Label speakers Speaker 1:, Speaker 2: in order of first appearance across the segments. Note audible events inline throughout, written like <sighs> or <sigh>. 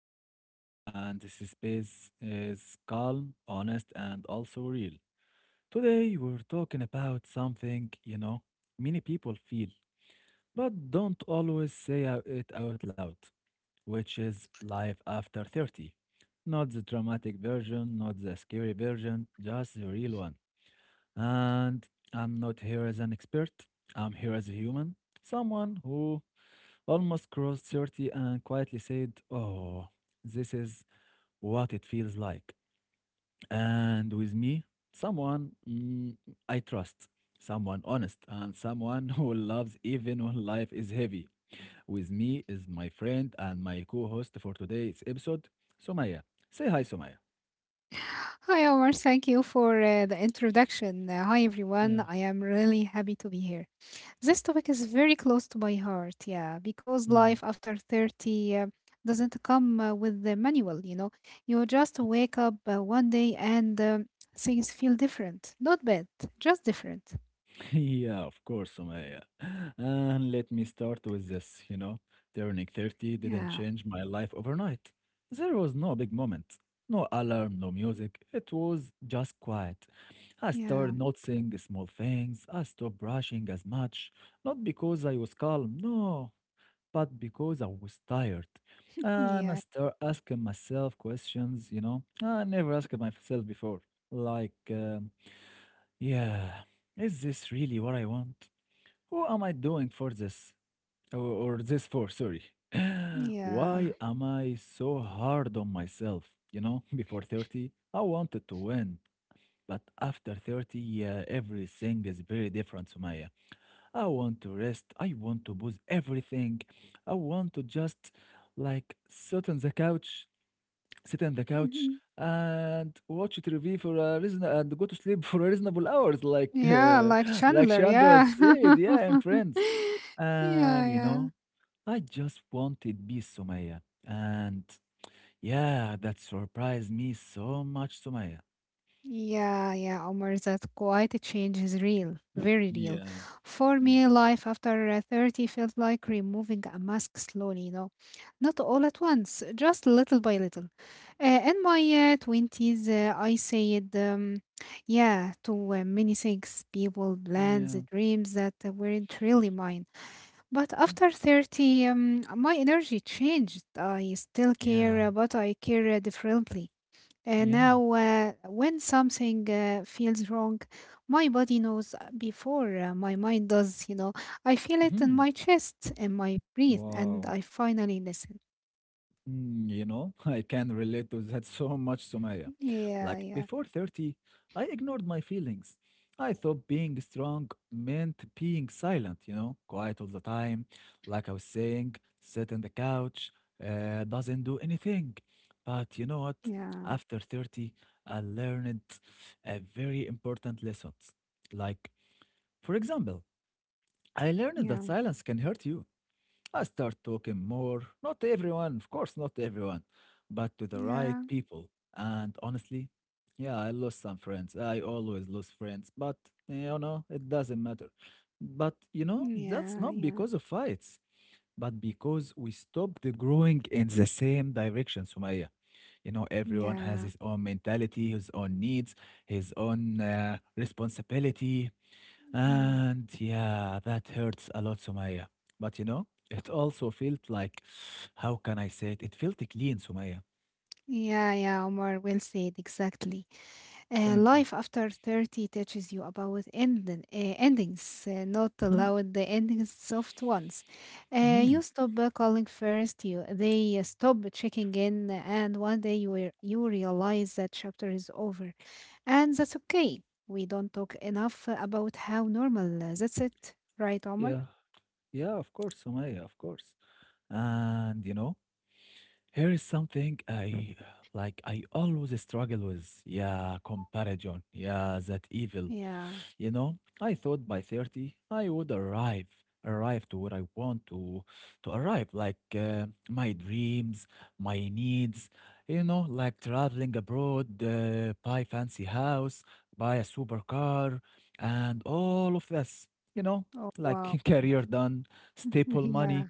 Speaker 1: I am Omar, and this is space is calm, honest, and also real. Today, we're talking about something many people feel, but don't always say it out loud, which is life after 30. Not the dramatic version, not the scary version, just the real one. And I'm not here as an expert, I'm here as a human, someone who almost crossed 30 and quietly said, "Oh, this is what it feels like." And with me, someone mm, I trust, someone honest, and someone <laughs> who loves even when life is heavy. With me is my friend and my co host for today's episode, Sumaya. Say hi, Sumaya.
Speaker 2: Hi, Omar. Thank you for the introduction. Hi,
Speaker 1: Yeah.
Speaker 2: everyone. I am really happy to be here. This topic is very close to my heart, yeah, because life after 30 doesn't come with the manual, you know. You just wake up one day and things feel different. Not bad, just different.
Speaker 1: <laughs> Yeah, of course, Sumaya. And let me start with this, you know, turning 30 didn't
Speaker 2: Yeah,
Speaker 1: change my life overnight. There was no big moment, no alarm, no music. It was just quiet. I
Speaker 2: yeah,
Speaker 1: started noticing the small things. I stopped brushing as much, not because I was calm, no, but because I was tired. And I
Speaker 2: yeah,
Speaker 1: start asking myself questions, you know, I never asked myself before. Like, yeah, is this really what I want? Who am I doing for this? Or this for, sorry. <gasps> <laughs> Why
Speaker 2: yeah.
Speaker 1: am I so hard on myself? You know, <laughs> before 30, I wanted to win. But after 30, everything is very different, Sumaya. I want to rest. I want to booze everything. I want to just like sit on the couch
Speaker 2: Mhm.
Speaker 1: and watch TV for a reason and go to sleep <laughs> for reasonable hours, like
Speaker 2: Yeah, like
Speaker 1: <laughs> like
Speaker 2: Chandler,
Speaker 1: Chandra
Speaker 2: yeah.
Speaker 1: said, yeah, and
Speaker 2: <laughs>
Speaker 1: friends.
Speaker 2: Yeah,
Speaker 1: And you
Speaker 2: yeah.
Speaker 1: know, I just wanted peace, Somaya, and yeah, that surprised me so much, Somaya.
Speaker 2: Yeah, yeah, Omar, that quite a change is real, very real.
Speaker 1: Yeah,
Speaker 2: For
Speaker 1: yeah,
Speaker 2: me, life after 30 felt like removing a mask slowly, not all at once, just little by little. In my 20s, I said, yeah, to many things, people, plans,
Speaker 1: yeah,
Speaker 2: dreams that weren't really mine. But
Speaker 1: mm,
Speaker 2: after 30, my energy changed. I still care,
Speaker 1: yeah,
Speaker 2: but I care differently.
Speaker 1: yeah.
Speaker 2: Now, when something feels wrong, my body knows before my mind does. I feel it in
Speaker 1: Mhm.
Speaker 2: my chest, in my breath, and I
Speaker 1: Wow.
Speaker 2: finally listen.
Speaker 1: Mm, you know, <laughs> I can relate to that <laughs> so much, Somaya.
Speaker 2: Yeah,
Speaker 1: Like
Speaker 2: yeah,
Speaker 1: before 30, I ignored my feelings. I thought being strong meant being silent, you know, quiet all the time. Like I was saying, sit on the couch, doesn't do anything. But you know what?
Speaker 2: yeah,
Speaker 1: After 30, I learned a very important lesson. Like, for example, I learned that
Speaker 2: yeah,
Speaker 1: silence can hurt you. I start talking more. Not everyone, of course, not everyone, but to the right
Speaker 2: yeah,
Speaker 1: people. And honestly, yeah, I lost some friends. I always lose friends, but you know, it doesn't matter. But you know, that's
Speaker 2: yeah,
Speaker 1: not
Speaker 2: yeah,
Speaker 1: because of fights, but because we stopped growing in the same direction, Sumaya. You know, everyone has
Speaker 2: yeah,
Speaker 1: his own mentality, his own needs, his own responsibility.
Speaker 2: yeah,
Speaker 1: And yeah, that hurts a lot, Sumaya. But you know, it also felt like, how can I say it? It felt clean, Sumaya.
Speaker 2: yeah, yeah, Omar, will say it exactly.
Speaker 1: Thank you.
Speaker 2: Life after 30 teaches you about endings, not
Speaker 1: Hmm.
Speaker 2: allowed the endings soft ones.
Speaker 1: Hmm.
Speaker 2: You stop calling first, they stop checking in, and one day you realize that chapter is over. And that's okay. We don't talk enough about how normal that's it, right, Omar?
Speaker 1: Yeah, yeah, of course, Sumaya, of course. And you know, here is something I like, I always struggle with. Yeah, comparison. Yeah, that evil.
Speaker 2: Yeah.
Speaker 1: You know, I thought by 30 I would arrive to where I want to arrive, like my dreams, my needs, you know, like traveling abroad, buy fancy house, buy a supercar, and all of this, you know,
Speaker 2: Oh,
Speaker 1: like
Speaker 2: wow.
Speaker 1: <laughs>
Speaker 2: Omar.
Speaker 1: career done,
Speaker 2: <laughs>
Speaker 1: staple
Speaker 2: Yeah.
Speaker 1: money,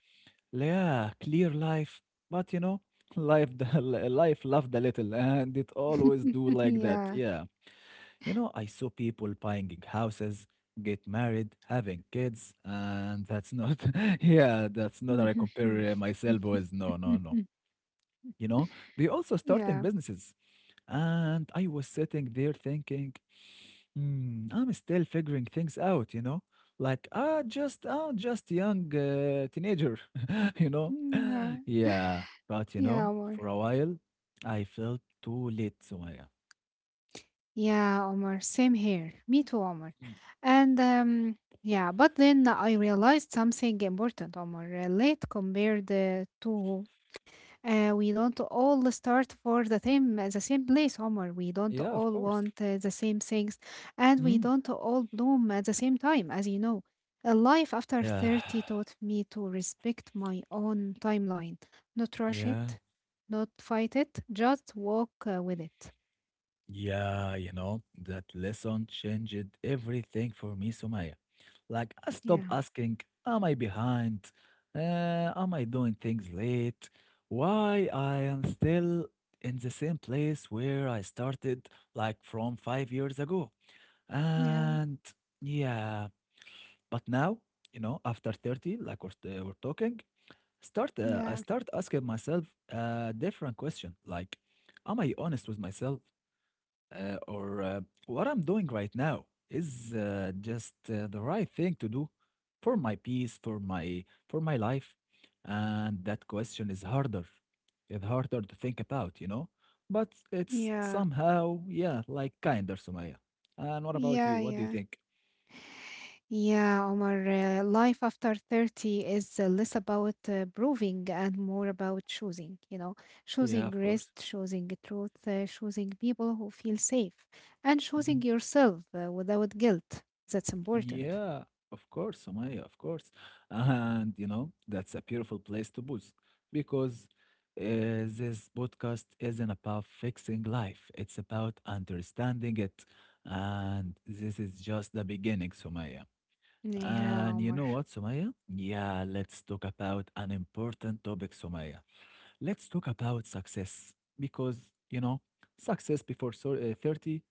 Speaker 1: yeah, clear life. But you know, <laughs> life loved a little, and it always do
Speaker 2: <laughs>
Speaker 1: like that,
Speaker 2: Yeah.
Speaker 1: yeah. You know, I saw people buying houses, get married, having kids, and that's not, <laughs> yeah, that's not how I compare
Speaker 2: <laughs>
Speaker 1: myself with. No, no, no. You know, they also
Speaker 2: Yeah.
Speaker 1: starting
Speaker 2: Yeah.
Speaker 1: businesses. And I was sitting there thinking, hmm, I'm still figuring things out, you know? Like, ah, I'm just a young teenager, <laughs> you know? <laughs> Yeah, but you
Speaker 2: Yeah,
Speaker 1: know,
Speaker 2: Omar.
Speaker 1: for a while, I felt too late, Sumaya.
Speaker 2: Yeah, Omar, same here. Me too, Omar.
Speaker 1: Mm,
Speaker 2: And yeah, but then I realized something important, Omar. Late compared to we don't all start for the same place, Omar. We don't
Speaker 1: yeah, of
Speaker 2: all
Speaker 1: course.
Speaker 2: want the same things, and we
Speaker 1: Mm.
Speaker 2: don't all bloom at the same time, as you know. A life after
Speaker 1: Yeah.
Speaker 2: 30 taught me to respect my own timeline, not rush
Speaker 1: Yeah,
Speaker 2: it, not fight it, just walk with it.
Speaker 1: yeah, you know, that lesson changed everything for me, Sumaya. Like, I stopped
Speaker 2: Yeah,
Speaker 1: asking, am I behind? Am I doing things late? Why I am still in the same place where I started, like, from 5 years ago.
Speaker 2: yeah.
Speaker 1: And yeah, but now, you know, after 30, like we're talking, start I
Speaker 2: Yeah,
Speaker 1: start asking myself a different question, like, am I honest with myself? Or what I'm doing right now is just the right thing to do for my peace, for my life. And that question is harder. It's harder to think about, you know. But it's
Speaker 2: yeah,
Speaker 1: somehow, yeah, like kinder, Sumaya. And what about
Speaker 2: yeah,
Speaker 1: you? What do you
Speaker 2: yeah,
Speaker 1: think?
Speaker 2: yeah, Omar. Life after 30 is less about proving and more about choosing,
Speaker 1: Yeah,
Speaker 2: choosing
Speaker 1: of
Speaker 2: rest,
Speaker 1: course.
Speaker 2: choosing truth, choosing people who feel safe, and choosing yourself without guilt. That's important.
Speaker 1: Yeah, of course, Sumaya, of course. And you know, that's a beautiful place to booze because this podcast isn't about fixing life, it's about understanding it. And this is just the beginning, Sumaya.
Speaker 2: Yeah,
Speaker 1: And you
Speaker 2: Omar.
Speaker 1: know what, Sumaya? Yeah, let's talk about an important topic, Sumaya. Let's talk about success because, you know, 30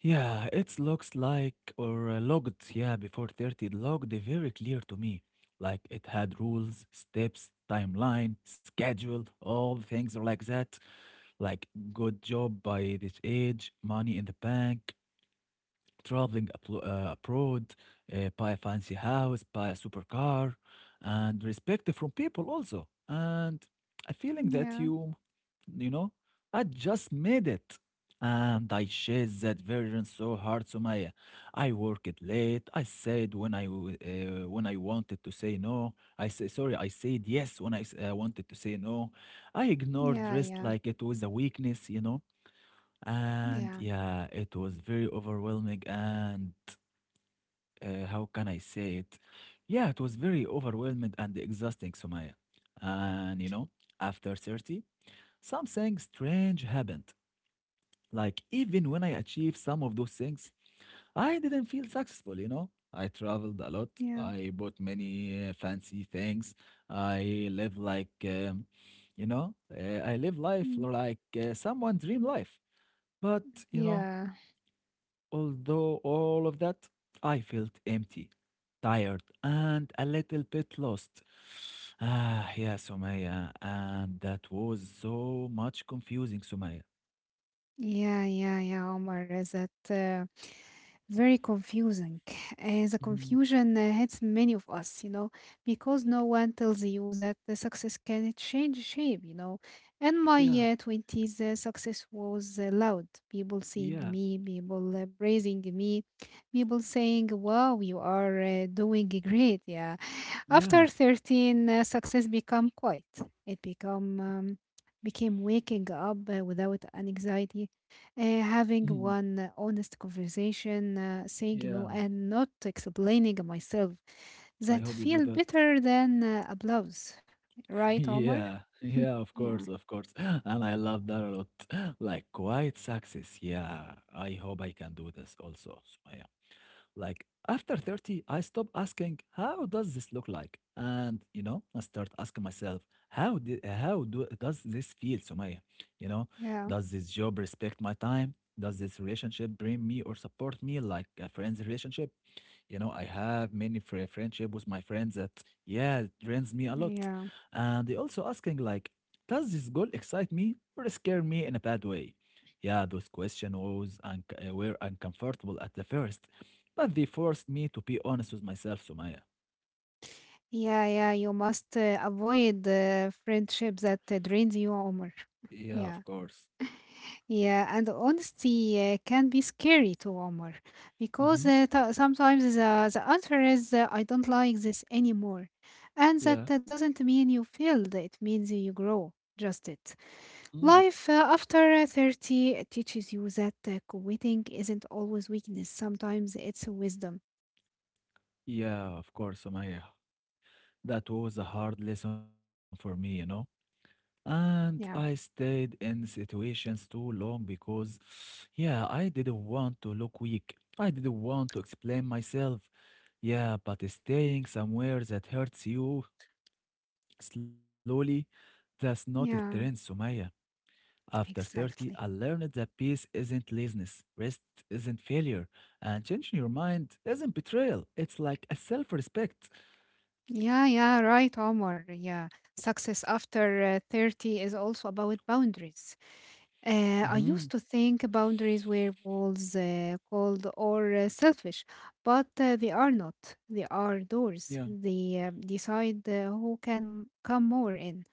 Speaker 1: yeah, it looks like or logged, yeah, before 30 logged very clear to me. Like it had rules, steps, timeline, schedule, all things like that. Like good job by this age, money in the bank, abroad, buy a fancy house, buy a supercar, and respect from people also. And a feeling that
Speaker 2: Yeah,
Speaker 1: you know, I just made it. And I chased that version so hard, Sumaya. I worked late. I said when I w- When I wanted to say no. I say sorry. I said yes when I wanted to say no. I ignored
Speaker 2: yeah,
Speaker 1: rest
Speaker 2: yeah,
Speaker 1: like it was a weakness, you know. And
Speaker 2: yeah,
Speaker 1: yeah, it was very overwhelming. And how can I say it? Yeah, it was very overwhelming and exhausting, Sumaya. And you know, after 30, something strange happened. Like, even when I achieved some of those things, I didn't feel successful, you know? I traveled a lot.
Speaker 2: yeah.
Speaker 1: I bought many fancy things. I live like, you know, I live life
Speaker 2: Mm,
Speaker 1: like someone dream life. But, you know,
Speaker 2: yeah,
Speaker 1: although all of that, I felt empty, tired, and a little bit lost. Ah, yeah, Somaya, and that was so much confusing, Somaya.
Speaker 2: yeah, yeah, yeah, Omar. Is that very confusing. The
Speaker 1: Mhm,
Speaker 2: confusion hits many of us, because no one tells you that the success can change shape. In my
Speaker 1: yeah,
Speaker 2: 20s, success was loud. People seeing
Speaker 1: yeah,
Speaker 2: me, people praising me, people saying, wow, you are doing great. Yeah.
Speaker 1: yeah.
Speaker 2: After 13, success become quiet. It become became waking up without an anxiety,
Speaker 1: <laughs>
Speaker 2: having
Speaker 1: Mhm.
Speaker 2: one honest conversation, saying no,
Speaker 1: Yeah,
Speaker 2: and not explaining myself.
Speaker 1: I
Speaker 2: That
Speaker 1: hope you do
Speaker 2: feel
Speaker 1: that.
Speaker 2: better than applause, right,
Speaker 1: <laughs>
Speaker 2: Omar?
Speaker 1: Yeah, yeah,
Speaker 2: <laughs>
Speaker 1: of
Speaker 2: Yeah,
Speaker 1: course, of course. <laughs> And I love that a lot. <laughs> Like quiet success. Yeah, I hope I can do this also, Somaya. Like after 30, I stop asking, how does this look like? And you know, I start asking myself, how did how do does this feel, Sumaya? You know,
Speaker 2: yeah,
Speaker 1: does this job respect my time? Does this relationship bring me or support me like a friend's relationship? You know, I have many friendship with my friends that, yeah, it drains me a lot.
Speaker 2: yeah,
Speaker 1: And they also asking like, does this goal excite me or scare me in a bad way? Yeah, those questions was un were uncomfortable at the first, but they forced me to be honest with myself, Sumaya.
Speaker 2: yeah, yeah. You must avoid friendship that drains you, Omar.
Speaker 1: Yeah,
Speaker 2: Yeah.
Speaker 1: of course.
Speaker 2: Yeah, and honesty can be scary to Omar because
Speaker 1: Mm-hmm.
Speaker 2: sometimes the answer is I don't like this anymore. And that
Speaker 1: Yeah.
Speaker 2: doesn't mean you failed, it means you grow. Just it.
Speaker 1: Mhm.
Speaker 2: Life after 30 teaches you that quitting isn't always weakness, sometimes it's wisdom.
Speaker 1: Yeah, of course, Sumaya. That was a hard lesson for me, you know. And
Speaker 2: Yeah,
Speaker 1: I stayed in situations too long because, yeah, I didn't want to look weak. I didn't want to explain myself. Yeah, but staying somewhere that hurts you slowly, that's not a
Speaker 2: yeah,
Speaker 1: strength, Sumaya. After 30,
Speaker 2: exactly.
Speaker 1: I learned that peace isn't laziness, rest isn't failure, and changing your mind isn't betrayal. It's like a self respect.
Speaker 2: Yeah, yeah, right, Omar. Yeah. Success after 30 is also about boundaries. I
Speaker 1: Hmm.
Speaker 2: used to think boundaries were walls, cold, or selfish, but they are not. They are
Speaker 1: Yeah.
Speaker 2: doors. They decide who can come more in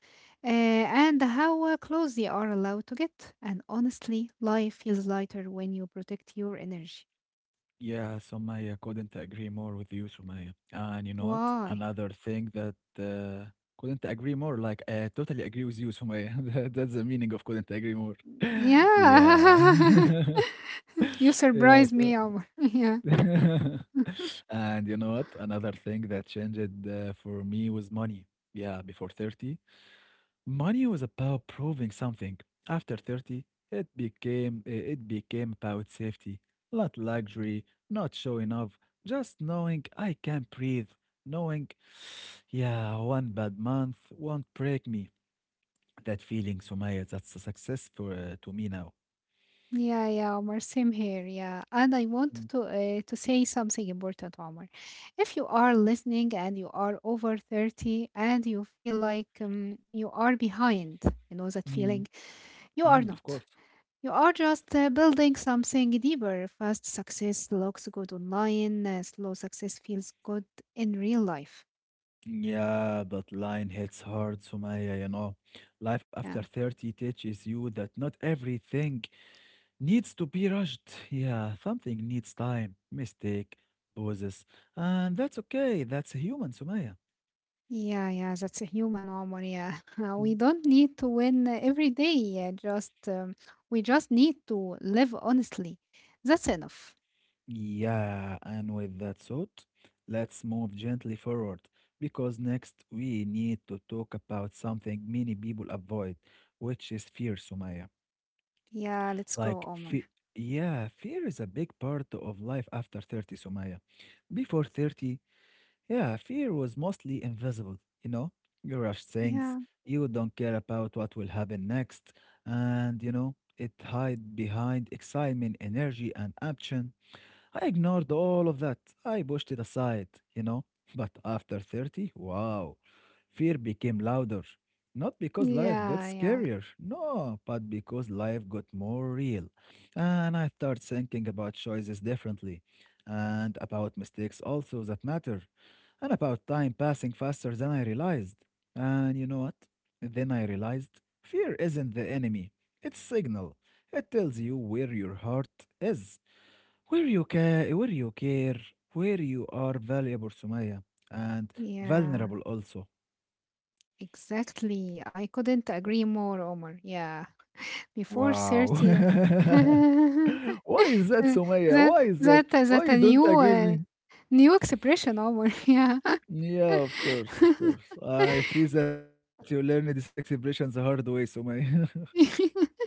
Speaker 2: and how close they are allowed to get. And honestly, life feels lighter when you protect your energy.
Speaker 1: Yeah, Somaya, couldn't agree more with you, Somaya. And you know what?
Speaker 2: Why?
Speaker 1: Another thing that couldn't agree more, like I totally agree with you, Somaya. <laughs> That's the meaning of couldn't agree more. <laughs> Yeah.
Speaker 2: Yeah. <laughs> <laughs>
Speaker 1: <laughs>
Speaker 2: You
Speaker 1: Yeah,
Speaker 2: surprised
Speaker 1: so.
Speaker 2: me, Omar. <laughs> Yeah.
Speaker 1: <laughs> And you know what? Another thing that changed for me was money. Yeah, before 30. Money was about proving something. After 30, it became it became about safety, not luxury, not showing off, just knowing I can breathe, knowing, yeah, one bad month won't break me. That feeling, Sumaya, that's a success for to me now.
Speaker 2: Yeah, yeah, Omar. Same here. Yeah. And I want
Speaker 1: Mm,
Speaker 2: to say something important, Omar. If you are listening and you are over 30 and you feel like you are behind, you know that feeling,
Speaker 1: mm,
Speaker 2: you are
Speaker 1: of
Speaker 2: not.
Speaker 1: course.
Speaker 2: You are just building something deeper. Fast success looks good online, slow success feels good in real life.
Speaker 1: Yeah, that line hits hard, Sumaya, you know. Life after
Speaker 2: Yeah.
Speaker 1: 30 teaches you that not everything needs to be rushed. Yeah, something needs time, mistake, pauses. And that's okay. That's human, Sumaya.
Speaker 2: Yeah, yeah, that's a human Omar, yeah. <laughs>
Speaker 1: Mm.
Speaker 2: We don't need to win every day, yeah. Just We just need to live honestly. That's enough.
Speaker 1: Yeah, and with that thought, let's move gently forward because next we need to talk about something many people avoid, which is fear, Sumaya.
Speaker 2: Yeah, let's go,
Speaker 1: Like,
Speaker 2: Omar.
Speaker 1: fe yeah, fear is a big part of life after 30, Sumaya. Before 30, yeah, fear was mostly invisible, you know? You rush things,
Speaker 2: Yeah.
Speaker 1: you don't care about what will happen next, and you know, it hide behind excitement, energy, and action. I ignored all of that. I pushed it aside, you know. But after 30, wow, fear became louder. Not because life
Speaker 2: Yeah,
Speaker 1: got
Speaker 2: yeah.
Speaker 1: scarier, no, but because life got more real. And I started thinking about choices differently, and about mistakes also that matter, and about time passing faster than I realized. And you know what? Then I realized fear isn't the enemy, it's signal. It tells you where your heart is. Where you care, where you care, where you are valuable, Sumaya, and
Speaker 2: Yeah.
Speaker 1: vulnerable also.
Speaker 2: Exactly. I couldn't agree more, Omar. Yeah.
Speaker 1: Wow.
Speaker 2: Before
Speaker 1: <laughs>
Speaker 2: 30. <laughs>
Speaker 1: Why is that,
Speaker 2: Uh,
Speaker 1: Sumaya? Why is
Speaker 2: that
Speaker 1: that?
Speaker 2: that
Speaker 1: Why you
Speaker 2: that
Speaker 1: don't
Speaker 2: a
Speaker 1: agree
Speaker 2: new
Speaker 1: with me?
Speaker 2: uh, new expression, Omar. <laughs> Yeah.
Speaker 1: Yeah, of course, of course. I think that you learned these expressions the hard way, Sumaya.
Speaker 2: <laughs>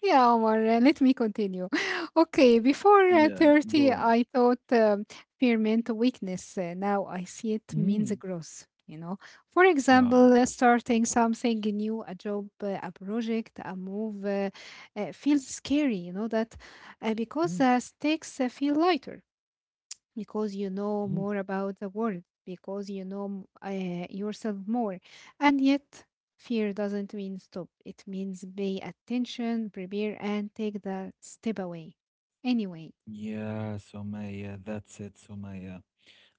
Speaker 2: Yeah, Omar, let me continue. <laughs> Okay,
Speaker 1: <laughs>
Speaker 2: before
Speaker 1: Yeah, go on.
Speaker 2: 30, I thought fear meant weakness. Now I see it
Speaker 1: Mm.
Speaker 2: means growth. For
Speaker 1: Wow.
Speaker 2: example, starting something new, a job, a project, a move feels scary, you know, that
Speaker 1: Mm.
Speaker 2: because the stakes feel lighter because you know
Speaker 1: Mhm.
Speaker 2: more about the world, because you know yourself more. And yet, fear doesn't mean stop, it means pay attention, prepare, and take the step away. Anyway,
Speaker 1: Yeah, Sumaya, that's it, Sumaya.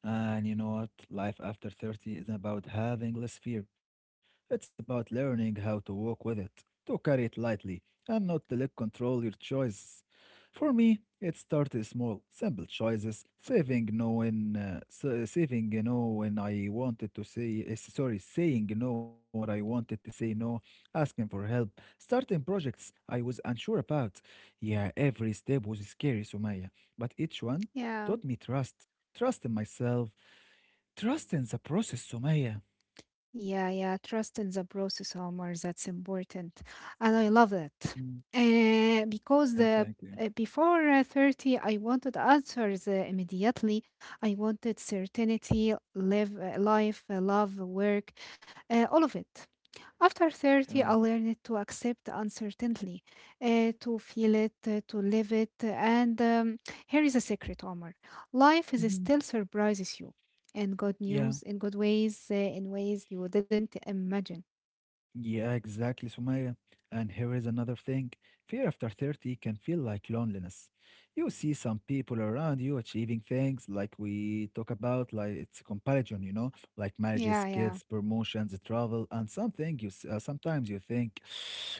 Speaker 1: And you know what? Life after 30 isn't about having less fear. It's about learning how to walk with it, to carry it lightly, and not to let control your choices. For me, it started small, simple choices, saving no when, saving no when I wanted to say, sorry, saying no when I wanted to say no, asking for help, starting projects I was unsure about. Yeah, every step was scary, Sumaya, but each one
Speaker 2: yeah,
Speaker 1: taught me trust. Trust in myself. Trust in the process, Sumaya.
Speaker 2: yeah, yeah, trust in the process, Omar, that's important. And I love that.
Speaker 1: Mm. Yeah,
Speaker 2: Because
Speaker 1: thank
Speaker 2: the
Speaker 1: you.
Speaker 2: Before 30, I wanted answers immediately. I wanted certainty, live life, love, work, all of it. After 30,
Speaker 1: Yeah.
Speaker 2: I learned to accept uncertainty, to feel it, to live it. And here is a secret, Omar. Life is
Speaker 1: Hmm.
Speaker 2: still surprises you in good news,
Speaker 1: Yeah.
Speaker 2: in good ways, in ways you didn't imagine.
Speaker 1: Yeah, exactly, Sumaya. And here is another thing. Fear after 30 can feel like loneliness. You see some people around you achieving things like we talk about, like it's comparison, you know, like marriages,
Speaker 2: Yeah, yeah,
Speaker 1: kids, promotions, travel, and something you sometimes you think.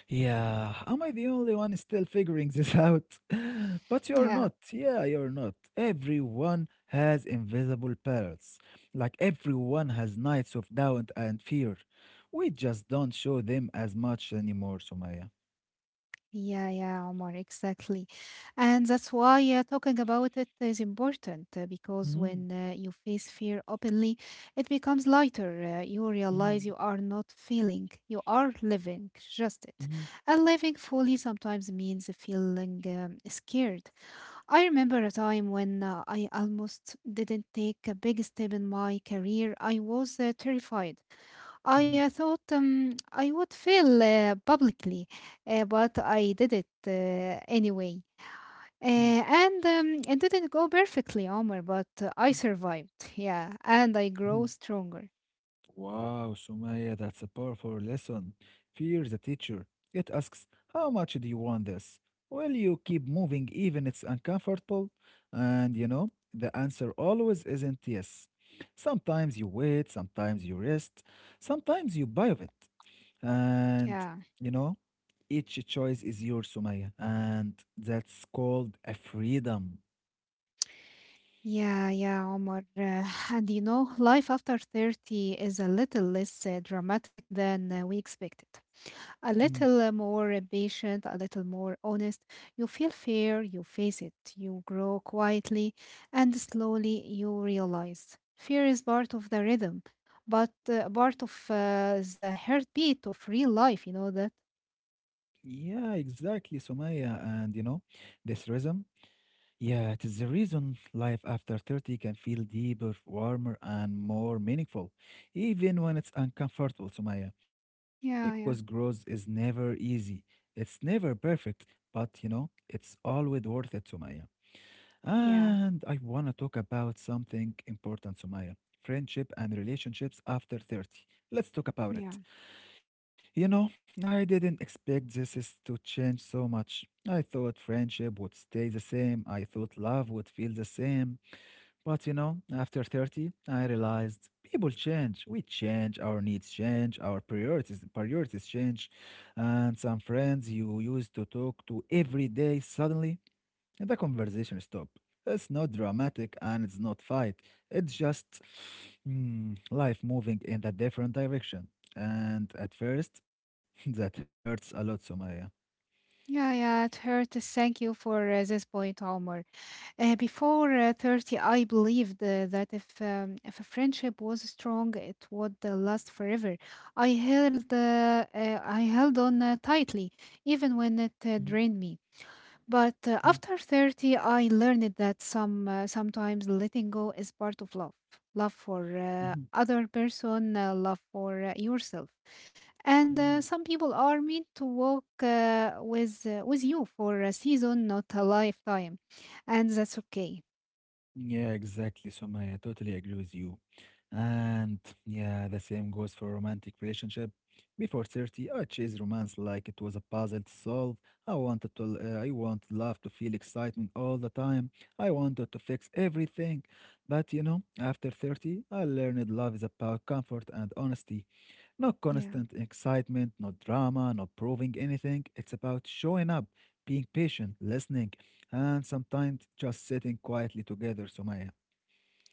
Speaker 1: Yeah, am I the only one still figuring this out? <laughs> But you're
Speaker 2: yeah.
Speaker 1: not. Yeah, you're not. Everyone has invisible parrots. Like everyone has nights of doubt and fear. We just don't show them as much anymore, Sumaya.
Speaker 2: Yeah, yeah, Omar, exactly. And that's why talking about it is important because
Speaker 1: Mhm,
Speaker 2: when you face fear openly, it becomes lighter. You realize
Speaker 1: mhm,
Speaker 2: you are not feeling, you are living, just it.
Speaker 1: mhm,
Speaker 2: And living fully sometimes means feeling scared. I remember a time when I almost didn't take a big step in my career. I was terrified. I
Speaker 1: mhm,
Speaker 2: thought I would fail publicly, but I did it anyway.
Speaker 1: mhm,
Speaker 2: And it didn't go perfectly, Omar, but I survived. Yeah, and I grow
Speaker 1: mhm.
Speaker 2: stronger.
Speaker 1: Wow, Sumaya, that's a powerful lesson. Fear the teacher. It asks, how much do you want this? Will you keep moving even it's uncomfortable? And you know, the answer always isn't yes. Sometimes you wait, sometimes you rest, sometimes you buy of it. And
Speaker 2: Yeah,
Speaker 1: you know, each choice is yours, Sumaya. And that's called a freedom.
Speaker 2: yeah, yeah, Omar. <sighs> And life after 30 is a little less dramatic than we expected. A
Speaker 1: Mm.
Speaker 2: little more patient, a little more honest. You feel fear, you face it, you grow quietly, and slowly you realize fear is part of the rhythm, but part of the heartbeat of real life. You know that?
Speaker 1: Yeah, exactly, Sumaya. And you know, this rhythm. Yeah, it is the reason life after 30 can feel deeper, warmer, and more meaningful, even when it's uncomfortable, Sumaya,
Speaker 2: Yeah, yeah,
Speaker 1: because growth is never easy. It's never perfect, but you know, it's always worth it, Sumaya.
Speaker 2: yeah,
Speaker 1: And I want to talk about something important, Sumaya, friendship and relationships after 30. Let's talk
Speaker 2: yeah.
Speaker 1: about it. You know, I didn't expect this is to change so much. I thought friendship would stay the same. I thought love would feel the same. But you know, after 30, I realized people change. We change, our needs change, our priorities change. And some friends you used to talk to every day suddenly the conversation stop. It's not dramatic and it's not fight. It's just life moving in a different direction. And at first, <laughs> that hurts a lot, Somaya.
Speaker 2: Yeah, yeah, it hurts. Thank you for this point, Omar. Before 30, I believed that if a friendship was strong, it would last forever. I held on tightly, even when it
Speaker 1: Mhm,
Speaker 2: drained me. But
Speaker 1: mhm,
Speaker 2: after 30, I learned that sometimes letting go is part of love. Love for
Speaker 1: mhm,
Speaker 2: other person, love for yourself. And
Speaker 1: mhm.
Speaker 2: some people are meant to walk with you for a season, not a lifetime. And that's okay.
Speaker 1: Yeah, exactly, Sumaya. I totally agree with you. And yeah, the same goes for romantic relationship. Before 30, I chased romance like it was a puzzle to solve. I wanted I wanted love to feel excitement all the time. I wanted to fix everything. But you know, after 30, I learned love is about comfort and honesty. No
Speaker 2: Yeah.
Speaker 1: constant excitement, no drama, no proving anything. It's about showing up, being patient, listening, and sometimes just sitting quietly together, Sumaya.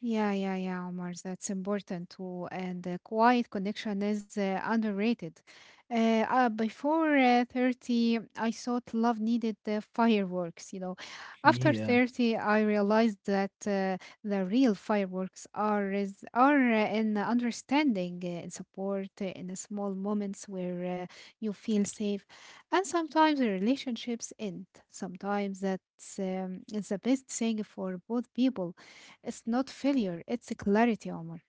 Speaker 2: Yeah, yeah, yeah, Omar. That's important too. And the quiet connection is underrated. Before 30, I thought love needed the fireworks.
Speaker 1: <laughs>
Speaker 2: After
Speaker 1: Yeah.
Speaker 2: 30, I realized that the real fireworks are in the understanding, in support, in the small moments where you feel safe. And sometimes the relationships end. Sometimes that's it's the best thing for both people. It's not failure, it's clarity, Omar.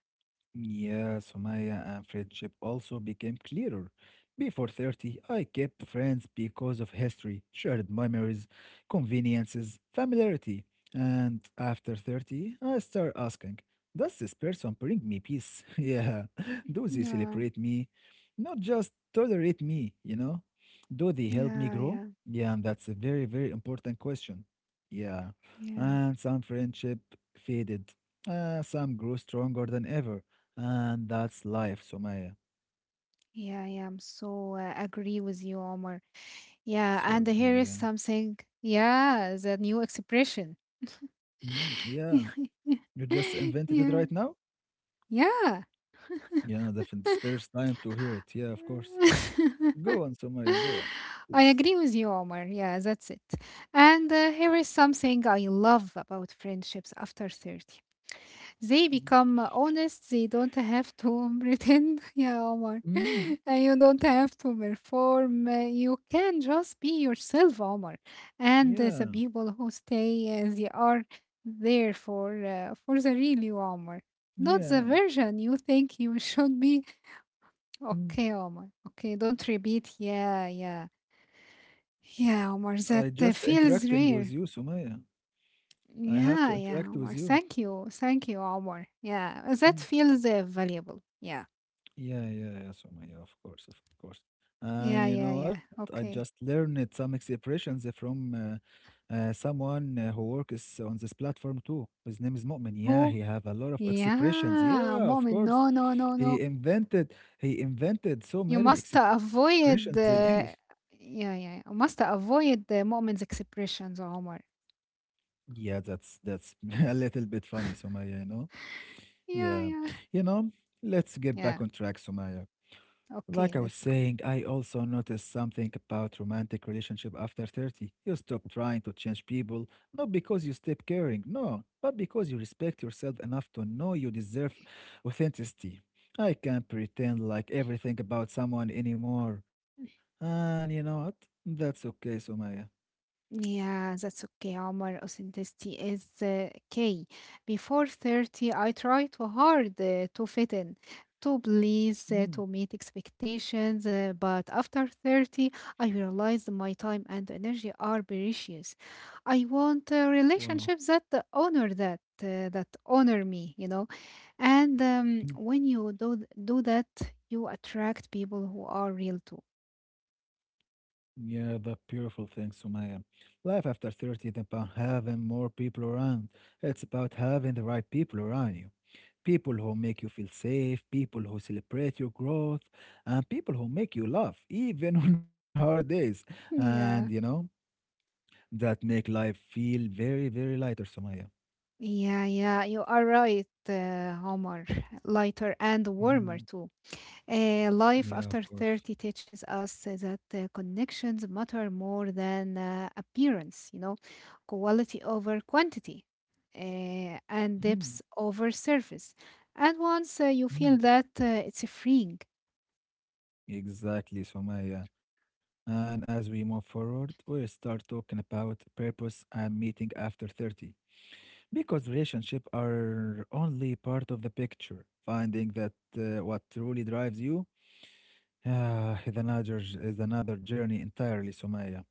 Speaker 1: Yeah, Sumaya, and friendship also became clearer. Before 30, I kept friends because of history, shared memories, conveniences, familiarity. And after 30, I start asking, does this person bring me peace? <laughs> Yeah, do they
Speaker 2: No,
Speaker 1: celebrate me? Not just tolerate me, you know? Do they help me
Speaker 2: yeah,
Speaker 1: grow?
Speaker 2: yeah,
Speaker 1: Yeah, and that's a very, very important question. Yeah,
Speaker 2: yeah,
Speaker 1: and some friendship faded. Some grew stronger than ever. And that's life, Somaya.
Speaker 2: yeah, yeah, I'm so agree with you, Omar. Yeah,
Speaker 1: So
Speaker 2: and here
Speaker 1: agree,
Speaker 2: is
Speaker 1: yeah.
Speaker 2: something. Yeah, the new expression.
Speaker 1: Mhm.
Speaker 2: <laughs> Yeah,
Speaker 1: Yeah. You just invented it
Speaker 2: yeah.
Speaker 1: right now?
Speaker 2: Yeah.
Speaker 1: Yeah, no, definitely. It's first time to hear it. Yeah, of course.
Speaker 2: <laughs>
Speaker 1: Go on, Somaya, go on,
Speaker 2: I
Speaker 1: please.
Speaker 2: agree with you, Omar. Yeah, that's it. And here is something I love about friendships after 30. They
Speaker 1: Mhm.
Speaker 2: become honest. They don't have to <laughs> pretend. Yeah, Omar.
Speaker 1: Mm,
Speaker 2: <laughs> And you don't have to perform. You can just be yourself, Omar. And the
Speaker 1: yeah,
Speaker 2: people who stay, they are there for the real you, Omar. Not
Speaker 1: yeah.
Speaker 2: the version you think you <laughs> should be.
Speaker 1: Mm.
Speaker 2: Okay, Omar. Okay, don't repeat. Yeah, yeah. Yeah, Omar, that
Speaker 1: I just
Speaker 2: feels
Speaker 1: interacting with
Speaker 2: rare.
Speaker 1: you, Somaya. I have
Speaker 2: Yeah,
Speaker 1: to
Speaker 2: yeah,
Speaker 1: interact with
Speaker 2: Omar.
Speaker 1: you.
Speaker 2: Thank you. Thank you, Omar. Yeah, that
Speaker 1: Mm.
Speaker 2: feels valuable. Yeah.
Speaker 1: Yeah, yeah, yeah, Somaya, of course, of course. And
Speaker 2: Yeah,
Speaker 1: you know
Speaker 2: yeah,
Speaker 1: what?
Speaker 2: yeah.
Speaker 1: I just
Speaker 2: Okay.
Speaker 1: learned some expressions from someone who works on this platform too. His name is Mu'min.
Speaker 2: Who?
Speaker 1: Yeah, he have a lot of expressions.
Speaker 2: Yeah,
Speaker 1: Yeah,
Speaker 2: moment.
Speaker 1: of
Speaker 2: No,
Speaker 1: course.
Speaker 2: no, no, no.
Speaker 1: He invented, he invented
Speaker 2: You
Speaker 1: so
Speaker 2: must
Speaker 1: many expressions in
Speaker 2: avoid.
Speaker 1: English.
Speaker 2: Yeah, yeah. You must avoid the moment's expressions, Omar.
Speaker 1: Yeah, that's <laughs> a little bit funny, Sumaya, you know.
Speaker 2: Yeah,
Speaker 1: Yeah.
Speaker 2: yeah,
Speaker 1: You know, let's get
Speaker 2: yeah.
Speaker 1: back on track, Sumaya. Like
Speaker 2: Okay,
Speaker 1: I was
Speaker 2: let's go.
Speaker 1: saying, I also noticed something about romantic relationship after 30. You stop trying to change people, not because you stop caring, no, but because you respect yourself enough to know you deserve authenticity. I can't pretend like everything about someone anymore. And you know what? That's okay, Sumaya.
Speaker 2: Yeah, that's okay, Omar. Authenticity is key. Before 30, I try too hard to fit in, to please, to
Speaker 1: Mm.
Speaker 2: meet expectations, but after 30, I realized my time and energy are precious. I want
Speaker 1: Wow.
Speaker 2: relationships that honor that honor me. And
Speaker 1: Mm.
Speaker 2: when you do that, you attract people who are real too. <clears throat>
Speaker 1: Yeah, the beautiful thing, Sumaya. Life after 30 is about having more people around. It's about having the right people around you. People who make you feel safe, people who celebrate your growth, and people who make you laugh, <laughs> even on hard days.
Speaker 2: <laughs>
Speaker 1: And, you
Speaker 2: Yeah.
Speaker 1: know, that make life feel very, very lighter, Somaya.
Speaker 2: Yeah, yeah, you are right, Omar. Lighter and warmer
Speaker 1: Mhm.
Speaker 2: too. Life
Speaker 1: Yeah,
Speaker 2: after
Speaker 1: of course.
Speaker 2: 30 teaches us that connections matter more than appearance, quality over quantity, and
Speaker 1: Mhm.
Speaker 2: depth over surface. And once you
Speaker 1: Mhm.
Speaker 2: feel that, it's a freeing.
Speaker 1: Exactly, Somaya. And as we move forward, we'll start talking about purpose and meeting after 30. Because relationships are only part of the picture. Finding that what truly drives you. Ah, it's another it's another journey entirely, Sumaya.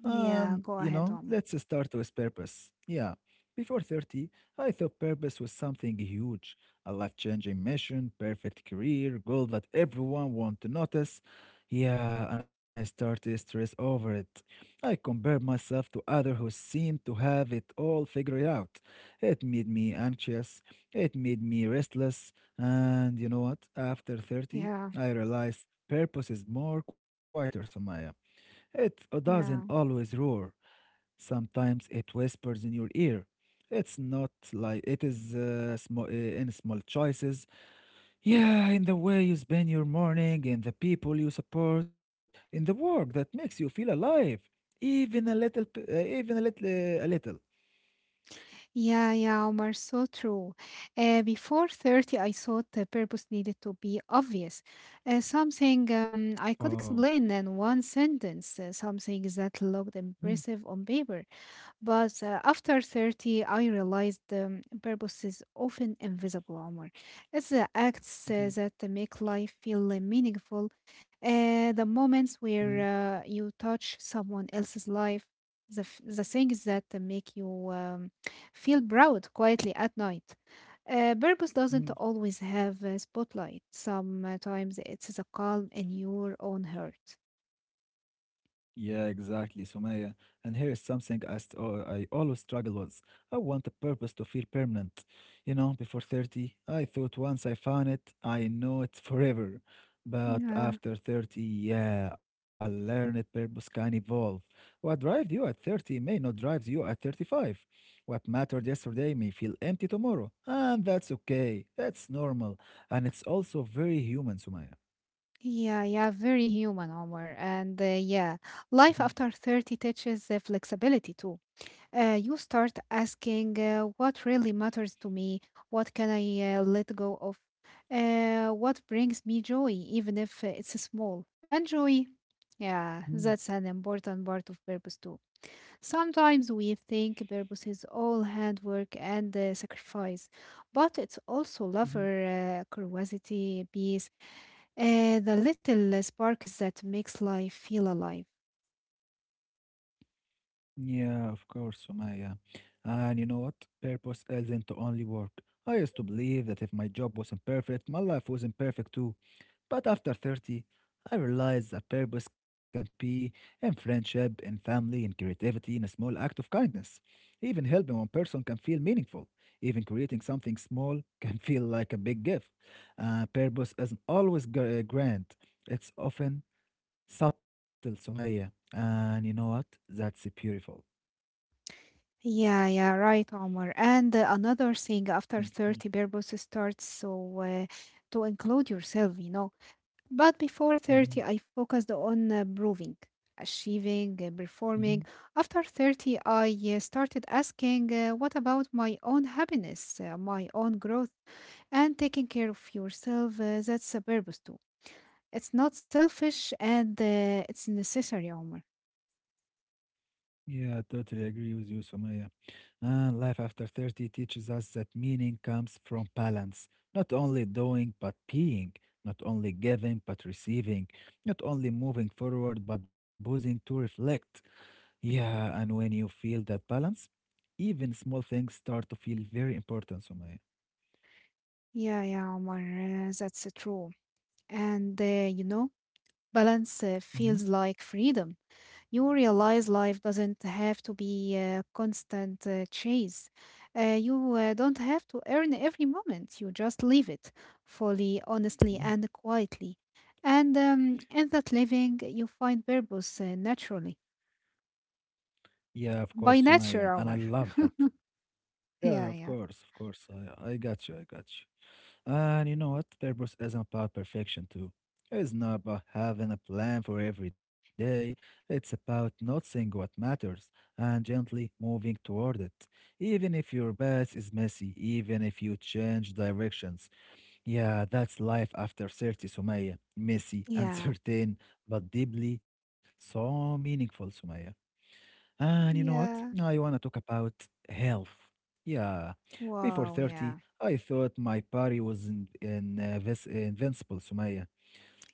Speaker 2: Yeah, go
Speaker 1: You
Speaker 2: ahead,
Speaker 1: know,
Speaker 2: Omar.
Speaker 1: let's start with purpose. Yeah. Before 30, I thought purpose was something huge, a life-changing mission, perfect career, goal that everyone want to notice. Yeah, and I started to stress over it. I compared myself to others who seemed to have it all figured out. It made me anxious, it made me restless, and you know what? After 30,
Speaker 2: Yeah,
Speaker 1: I realized purpose is more quieter, Sumaya. It doesn't
Speaker 2: yeah,
Speaker 1: always roar. Sometimes it whispers in your ear. It's not like it is small, in small choices. Yeah, in the way you spend your morning, in the people you support, in the work that makes you feel alive, even a little, even a little, a little.
Speaker 2: yeah, Omar, so true. Before 30, I thought the purpose needed to be obvious, something I could
Speaker 1: Wow.
Speaker 2: explain in one sentence, something that looked
Speaker 1: Mm,
Speaker 2: impressive on paper. But after 30, I realized the purpose is often invisible, Omar. It's the acts
Speaker 1: mhm,
Speaker 2: that make life feel meaningful, the moments where you touch someone else's life, the things that make you feel proud quietly at night. Purpose doesn't
Speaker 1: mhm.
Speaker 2: always have a spotlight. Sometimes it's the calm in your own heart.
Speaker 1: Yeah, exactly, Sumaya. And here is something I, I always struggle with. I want a purpose to feel permanent. You know, before 30, I thought once I found it, I know it's forever. But
Speaker 2: Yeah,
Speaker 1: after 30, yeah, I learned that purpose can evolve. What drives you at 30 may not drive you at 35. What mattered yesterday may feel empty tomorrow. And that's okay. That's normal. And it's also very human, Sumaya.
Speaker 2: yeah, Very human, Omar. And yeah,
Speaker 1: Mhm.
Speaker 2: life after 30 teaches flexibility too. You start asking what really matters to me, what can I let go of, what brings me joy, even if it's small. And joy, yeah,
Speaker 1: Mhm,
Speaker 2: that's an important part of purpose too. Sometimes we think purpose is all hard work and sacrifice, but it's also
Speaker 1: mhm.
Speaker 2: lover, curiosity, peace, the little sparks that makes life feel alive.
Speaker 1: Yeah, of course, Sumaya. And you know what? Purpose isn't to only work. I used to believe that if my job wasn't perfect, my life wasn't perfect too. But after 30, I realized that purpose can be in friendship, in family, in creativity, in a small act of kindness. Even helping one person can feel meaningful. Even creating something small <laughs> can feel like a big gift. Purpose isn't always grand, it's often subtle, Sumaya. And you know what? That's beautiful.
Speaker 2: Yeah, yeah, right, Omar. And another thing, after
Speaker 1: Thank you.
Speaker 2: 30, purpose starts, to include yourself, you know. But before 30,
Speaker 1: Mhm,
Speaker 2: I focused on proving, achieving,
Speaker 1: mhm.
Speaker 2: performing. After 30, I started asking, what about my own happiness, my own growth, and taking care of yourself? That's a purpose too. It's not selfish and it's necessary, Omar.
Speaker 1: Yeah, I totally agree with you, Somaya. And life after 30 teaches us that meaning comes from balance, not only doing but being, not only giving but receiving, not only moving forward but pausing to reflect. Yeah, and when you feel that balance, even small things start to feel very important, Sumaya.
Speaker 2: Yeah, Omar, that's true. And you know, balance
Speaker 1: Mhm,
Speaker 2: feels like freedom. You realize life doesn't have to be a constant chase. You don't have to earn every moment. You just live it fully, honestly,
Speaker 1: mhm.
Speaker 2: and quietly. And in that living, you find purpose naturally.
Speaker 1: Yeah, of course,
Speaker 2: By
Speaker 1: Somaya. And
Speaker 2: nature,
Speaker 1: I
Speaker 2: Omar.
Speaker 1: love
Speaker 2: <laughs>
Speaker 1: that. Yeah,
Speaker 2: Yeah,
Speaker 1: of
Speaker 2: yeah.
Speaker 1: course, of course. I got you. I got you. And you know what? Purpose isn't about perfection, too. It's not about having a plan for every day. It's about noticing what matters and gently moving toward it. Even if your path is messy, even if you change directions. Yeah, that's life after 30, Sumaya. Messy, <laughs>
Speaker 2: Yeah.
Speaker 1: uncertain, but deeply so meaningful, Sumaya. And you know what? I
Speaker 2: Yeah.
Speaker 1: want to talk about health. Yeah, before
Speaker 2: Wow,
Speaker 1: 30,
Speaker 2: yeah.
Speaker 1: I thought my body was invincible, Sumaya.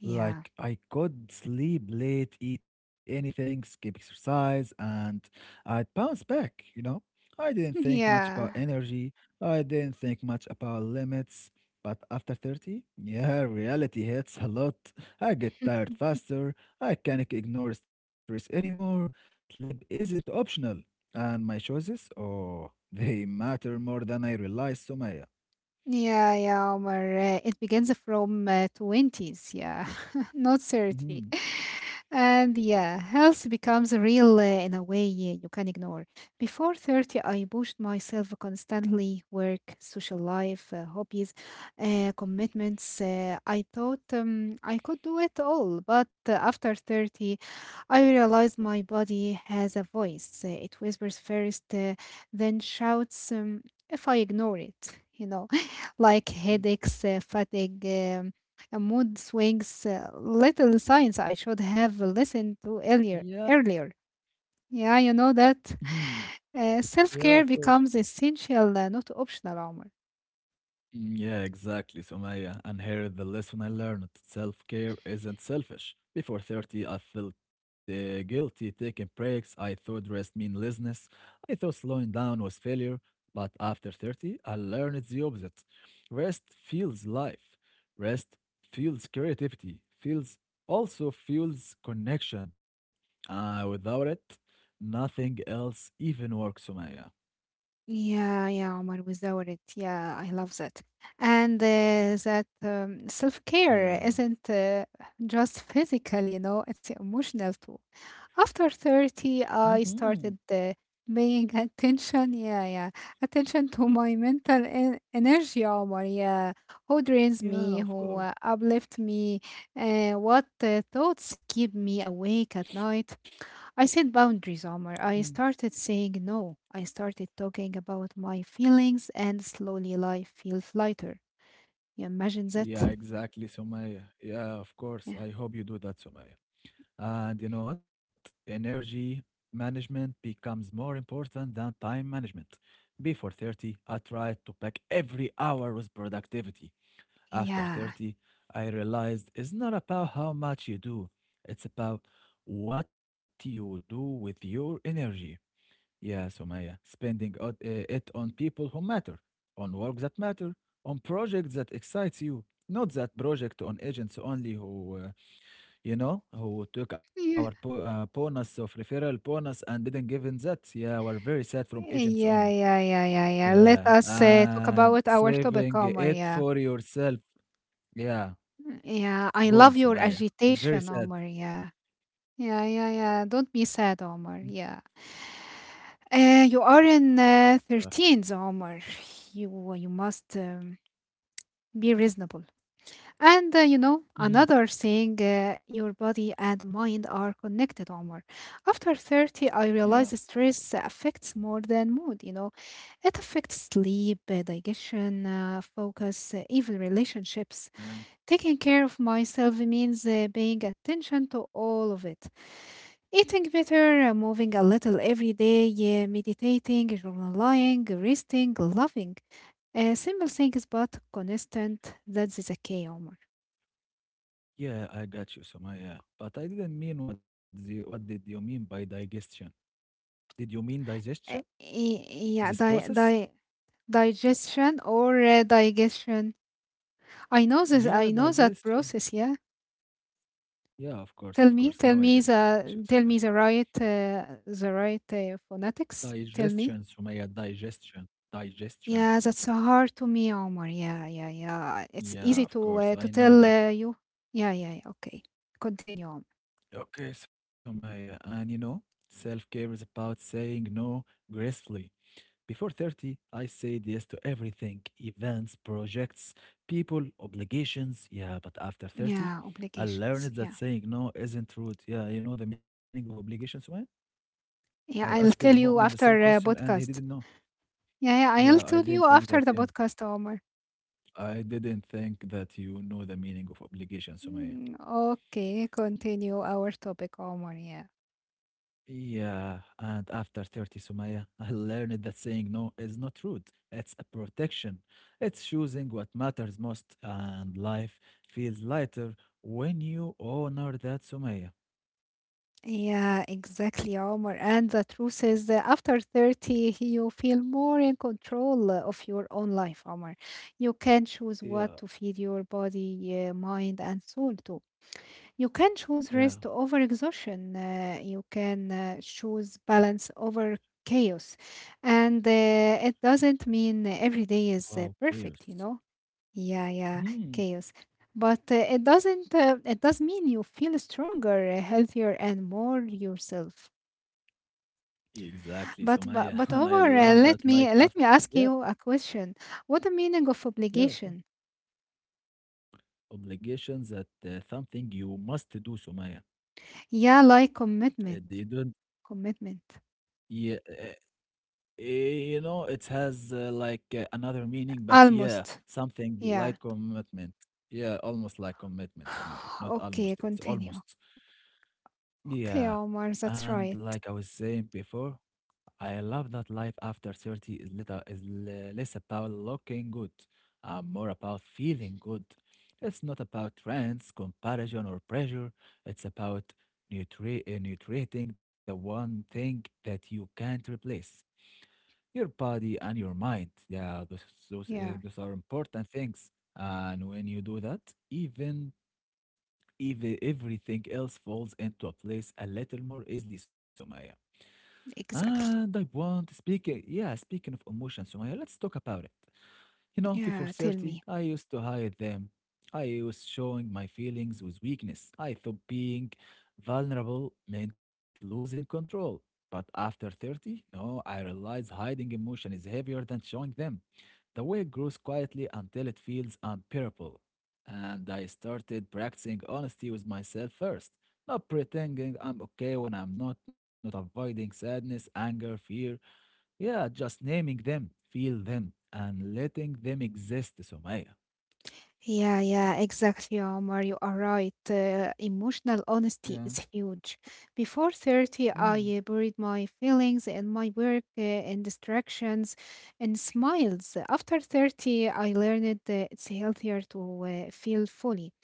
Speaker 2: Yeah.
Speaker 1: Like I could sleep late, eat anything, skip exercise, and I'd bounce back, you know? I didn't think
Speaker 2: <laughs>
Speaker 1: much about
Speaker 2: Yeah.
Speaker 1: energy. I didn't think much about limits. But after 30, <laughs> yeah, reality hits a lot. I get
Speaker 2: <laughs>
Speaker 1: tired faster. I can't ignore stress anymore. Sleep isn't optional. And my choices, oh, <laughs> they matter more than I realize, Sumaya.
Speaker 2: Yeah, Omar. It begins from 20s, yeah, <laughs> not 30.
Speaker 1: Mhm.
Speaker 2: And yeah, health becomes real in a way you can ignore. Before 30, I pushed myself constantly work, social life, hobbies, commitments. I thought I could do it all. But after 30, I realized my body has a voice. It whispers first, then shouts if I ignore it. You know, <laughs> like
Speaker 1: Mm.
Speaker 2: headaches, fatigue. A mood swings, little signs I should have listened to
Speaker 1: Yeah.
Speaker 2: earlier. You know that
Speaker 1: Mhm.
Speaker 2: <sighs> <laughs>
Speaker 1: Yeah,
Speaker 2: self
Speaker 1: of
Speaker 2: care
Speaker 1: course.
Speaker 2: becomes essential, not optional, Omar.
Speaker 1: Mm. Yeah, exactly, Sumaya. And here is the lesson I learned. Self-care isn't selfish. Before 30, I felt guilty taking breaks. I thought rest meaninglessness. I thought slowing down was failure. But after 30, I learned it's the opposite. Rest feels life. Rest feels creativity. Feels also feels connection. Without it, nothing else even works, Sumaya.
Speaker 2: Yeah, Omar, without it. Yeah, I love that. And that self-care
Speaker 1: Yeah.
Speaker 2: isn't just physical, you know, it's emotional too. After 30, I
Speaker 1: Hmm.
Speaker 2: started paying <laughs> attention to my mental en energy, Omar, yeah. Who drains
Speaker 1: Yeah,
Speaker 2: me,
Speaker 1: of
Speaker 2: who
Speaker 1: course.
Speaker 2: uplifts me, what thoughts keep me awake at night. I set boundaries, Omar.
Speaker 1: Mm-hmm.
Speaker 2: I started saying no. I started talking about my feelings, and slowly life feels lighter. You imagine
Speaker 1: Yeah,
Speaker 2: that?
Speaker 1: exactly, Sumaya. Yeah, of course.
Speaker 2: Yeah.
Speaker 1: I hope you do that, Sumaya. And you know what? Energy management becomes more important than time management. Before 30, I tried to pack every hour with productivity. After
Speaker 2: Yeah.
Speaker 1: 30, I realized it's not about how much you do, it's about what you do with your energy. Yeah, Sumaya, spending it on people who matter, on work that matter, on projects that excites you, not that project on agents only who, who took our po
Speaker 2: Yeah.
Speaker 1: bonus of referral bonus and didn't give in that. Yeah, we're very sad from agents only.
Speaker 2: Yeah. Let
Speaker 1: Yeah,
Speaker 2: us talk
Speaker 1: and
Speaker 2: about our topic,
Speaker 1: saving
Speaker 2: Omar.
Speaker 1: it
Speaker 2: Yeah.
Speaker 1: for yourself. Yeah,
Speaker 2: Yeah. I
Speaker 1: go on,
Speaker 2: love your
Speaker 1: Sumaya. I'm very
Speaker 2: agitation,
Speaker 1: sad.
Speaker 2: Omar. Yeah. Yeah. Don't be sad, Omar. Yeah. You are in
Speaker 1: Uh,
Speaker 2: 13s, Omar. You must be reasonable. And you know,
Speaker 1: mhm.
Speaker 2: another thing, your body and mind are connected, Omar. After 30, I
Speaker 1: Yeah,
Speaker 2: realize stress affects more than mood, you know. It affects sleep, digestion, focus, even relationships.
Speaker 1: yeah.
Speaker 2: Taking care of myself means paying attention to all of it. Eating better, moving a little every day, yeah, meditating, journaling, resting, loving. Simple things, but constant. That's the key, Omar.
Speaker 1: Yeah, I got you, Sumaya. Yeah. But I didn't mean what did you mean by digestion? Did you mean digestion?
Speaker 2: Uh, y-
Speaker 1: This
Speaker 2: yeah, di-
Speaker 1: process?
Speaker 2: di- Digestion or digestion. I know this.
Speaker 1: Yeah,
Speaker 2: I know that
Speaker 1: digestion.
Speaker 2: process. Yeah.
Speaker 1: Yeah, of course,
Speaker 2: Tell
Speaker 1: of
Speaker 2: me,
Speaker 1: course.
Speaker 2: tell
Speaker 1: Now I
Speaker 2: me
Speaker 1: get you, Sumaya.
Speaker 2: the, tell me the right phonetics. Tell
Speaker 1: Digestion,
Speaker 2: me.
Speaker 1: Sumaya, digestion, digestion.
Speaker 2: Yeah, that's so hard to me, Omar. Yeah. It's
Speaker 1: Yeah,
Speaker 2: easy
Speaker 1: of course.
Speaker 2: to
Speaker 1: I know
Speaker 2: tell
Speaker 1: that.
Speaker 2: you. Yeah. Okay. Continue on.
Speaker 1: Okay, Sumaya. And you know, self-care is about saying no gracefully. Before 30, I said yes to everything events, projects, people, obligations. Yeah, but after 30,
Speaker 2: Yeah,
Speaker 1: I
Speaker 2: obligations.
Speaker 1: learned that
Speaker 2: Yeah,
Speaker 1: saying no isn't rude. Yeah, you know the meaning of obligations, man? I asked
Speaker 2: yeah. I'll tell
Speaker 1: Mu'min the
Speaker 2: you
Speaker 1: same
Speaker 2: after
Speaker 1: question and he didn't
Speaker 2: podcast.
Speaker 1: know.
Speaker 2: Yeah, yeah.
Speaker 1: Yeah,
Speaker 2: I'll
Speaker 1: I
Speaker 2: tell
Speaker 1: didn't
Speaker 2: you
Speaker 1: think that.
Speaker 2: after the
Speaker 1: Yeah,
Speaker 2: podcast, Omar.
Speaker 1: I didn't think that you know the meaning of obligations, Sumaya.
Speaker 2: Mm, okay, continue our topic, Omar. Yeah.
Speaker 1: Yeah, and after 30, Sumaya, <laughs> I learned that saying no is not rude. It's a protection. It's choosing what matters most, and life feels lighter when you honor that, Sumaya.
Speaker 2: Yeah, exactly, Omar. And the truth is, that after 30, you feel more in control of your own life, Omar. You can choose what
Speaker 1: Yeah,
Speaker 2: to feed your body, mind, and soul to. You can choose
Speaker 1: yeah.
Speaker 2: rest over exhaustion. You can choose balance over chaos. And it doesn't mean every day is
Speaker 1: Wow,
Speaker 2: perfect, you
Speaker 1: chaos.
Speaker 2: know? Yeah,
Speaker 1: Hmm.
Speaker 2: chaos. But it doesn't. It does mean you feel stronger, healthier, and more yourself.
Speaker 1: Exactly,
Speaker 2: But
Speaker 1: Sumaya. <laughs>
Speaker 2: but
Speaker 1: And
Speaker 2: but
Speaker 1: I
Speaker 2: Omar,
Speaker 1: love
Speaker 2: uh,
Speaker 1: that
Speaker 2: let
Speaker 1: life
Speaker 2: me
Speaker 1: after.
Speaker 2: let me ask
Speaker 1: Yeah,
Speaker 2: you a question. What the meaning of
Speaker 1: yeah.
Speaker 2: obligation?
Speaker 1: Obligations that something you must do, Sumaya.
Speaker 2: Yeah, like
Speaker 1: It
Speaker 2: commitment,
Speaker 1: didn't.
Speaker 2: commitment,
Speaker 1: Yeah. eh, You know, it has like another meaning, but yeah,
Speaker 2: almost.
Speaker 1: something
Speaker 2: Yeah.
Speaker 1: like commitment. Yeah, almost like commitment, Sumaya.
Speaker 2: <sighs>
Speaker 1: Not
Speaker 2: Okay,
Speaker 1: almost, it's
Speaker 2: continue.
Speaker 1: almost.
Speaker 2: Okay,
Speaker 1: Yeah,
Speaker 2: Omar,
Speaker 1: and
Speaker 2: that's
Speaker 1: like
Speaker 2: right.
Speaker 1: I was saying before, I love that life after 30 is less about looking good and more about feeling good. It's not about trends, comparison, or pressure. It's about nutriting the one thing that you can't replace your body and your mind. Yeah,
Speaker 2: Yeah,
Speaker 1: those are important things. And when you do that, even even everything else falls into a place a little more easily, Sumaya.
Speaker 2: exactly.
Speaker 1: And I want to speak, yeah, speaking of emotions, Sumaya, let's talk about it. You know, before
Speaker 2: Yeah, tell
Speaker 1: 30,
Speaker 2: me.
Speaker 1: I used to hide them. I was showing my feelings with weakness. I thought being vulnerable meant losing control. But after 30, no, I realized hiding emotion is heavier than showing them. The wig grows quietly until it feels unbearable. And I started practicing honesty with myself first, not pretending I'm okay when I'm not, not avoiding sadness, anger, fear. Yeah, just naming them, feel them, and letting them exist, Sumaya.
Speaker 2: Yeah, exactly, Omar. You are right. Emotional honesty
Speaker 1: Yeah.
Speaker 2: is huge. Before 30, I
Speaker 1: Mm,
Speaker 2: buried my feelings in my work, in distractions, and smiles. After 30, I learned that it's healthier to feel fully.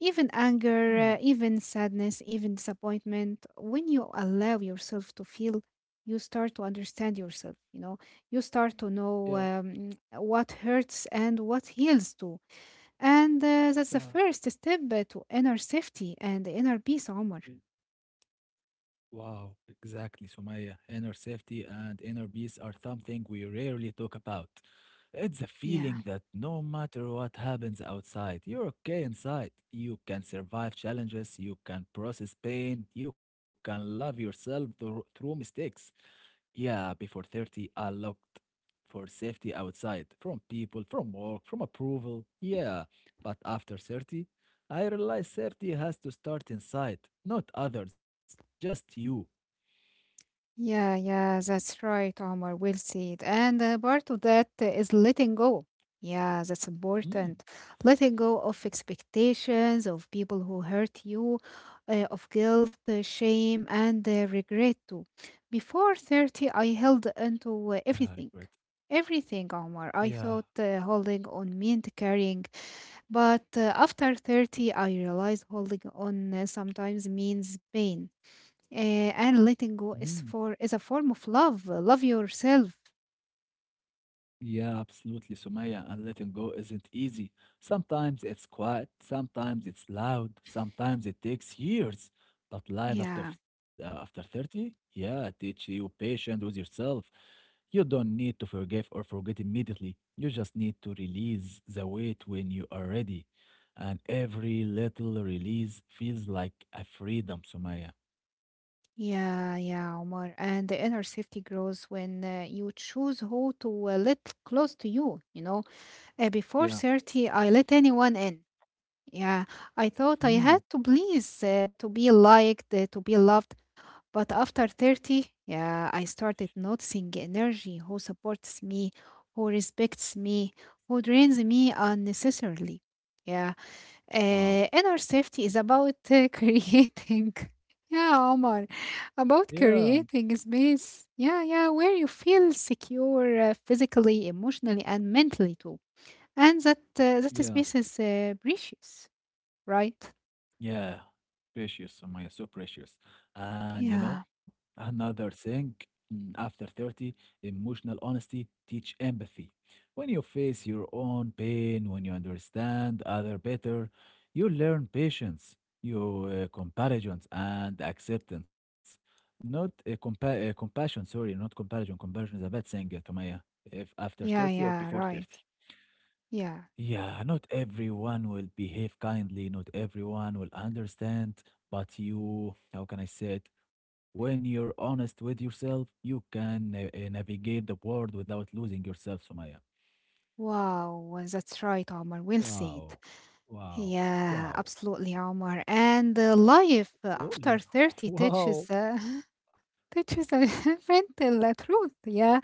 Speaker 2: Even anger,
Speaker 1: mm,
Speaker 2: even sadness, even disappointment. When you allow yourself to feel, you start to understand yourself, you know, you start to
Speaker 1: yeah.
Speaker 2: know what hurts and what heals too and that's the
Speaker 1: Yeah.
Speaker 2: first step to inner safety and inner peace, Omar.
Speaker 1: Yeah. Wow, exactly, Sumaya. Inner safety and inner peace are something we rarely talk about. It's a
Speaker 2: Yeah.
Speaker 1: feeling that no matter what happens outside, you're okay inside. You can survive challenges, you can process pain, you can love yourself through mistakes. Yeah, before 30, I looked for safety outside, from people, from work, from approval. Yeah, but after 30, I realized safety has to start inside, not others, just you.
Speaker 2: Yeah, that's right, Omar. Well said. And part of that is letting go. Yeah, that's
Speaker 1: Mm.
Speaker 2: important. Letting go of expectations, of people who hurt you, of guilt, shame, and regret too. Before 30, I held into uh,
Speaker 1: Yeah, regret.
Speaker 2: everything. Everything, Omar. I
Speaker 1: Yeah.
Speaker 2: thought holding on meant carrying. But after 30, I realize holding on sometimes means pain. Uh, and letting go
Speaker 1: Mhm.
Speaker 2: is a form of love. Love yourself.
Speaker 1: Yeah, absolutely, Sumaya. And letting go isn't easy. Sometimes it's quiet, sometimes it's loud, sometimes it takes years. But life after
Speaker 2: Yeah.
Speaker 1: after 30, yeah, teach you patience with yourself. You don't need to forgive or forget immediately. You just need to release the weight when you are ready. And every little release feels like a freedom, Sumaya.
Speaker 2: Yeah, Omar. And the inner safety grows when you choose who to let close to you. You know, before
Speaker 1: Yeah.
Speaker 2: 30, I let anyone in. Yeah, I thought I had
Speaker 1: Mm.
Speaker 2: to please, to be liked, to be loved. But after 30, yeah, I started noticing energy who supports me, who respects me, who drains me unnecessarily. Yeah,
Speaker 1: Wow.
Speaker 2: inner safety is about <laughs> creating. Yeah, Omar, about
Speaker 1: Yeah.
Speaker 2: creating space. Yeah, yeah, where you feel secure physically, emotionally, and mentally too. And that that
Speaker 1: Yeah.
Speaker 2: space is precious, right?
Speaker 1: Yeah, precious, Sumaya, so precious. And you
Speaker 2: Yeah,
Speaker 1: know, another thing, mm, after 30, emotional honesty teach empathy. When you face your own pain, when you understand other better, you learn patience, you comparisons and acceptance. Not a compassion, sorry, not comparison. Comparison is a bad thing, Sumaya, if after
Speaker 2: yeah,
Speaker 1: 30 or
Speaker 2: yeah,
Speaker 1: before
Speaker 2: right.
Speaker 1: 30.
Speaker 2: Yeah.
Speaker 1: Yeah, not everyone will behave kindly, not everyone will understand, but you, how can I say it? When you're honest with yourself, you can navigate the world without losing yourself, Sumaya.
Speaker 2: Wow, that's right, Omar. Well said.
Speaker 1: Wow. Wow.
Speaker 2: Yeah,
Speaker 1: Wow.
Speaker 2: absolutely, Omar. And life after
Speaker 1: Slowly. <laughs>
Speaker 2: 30 teaches
Speaker 1: Wow.
Speaker 2: <laughs> teaches a <laughs> gentle truth. Yeah,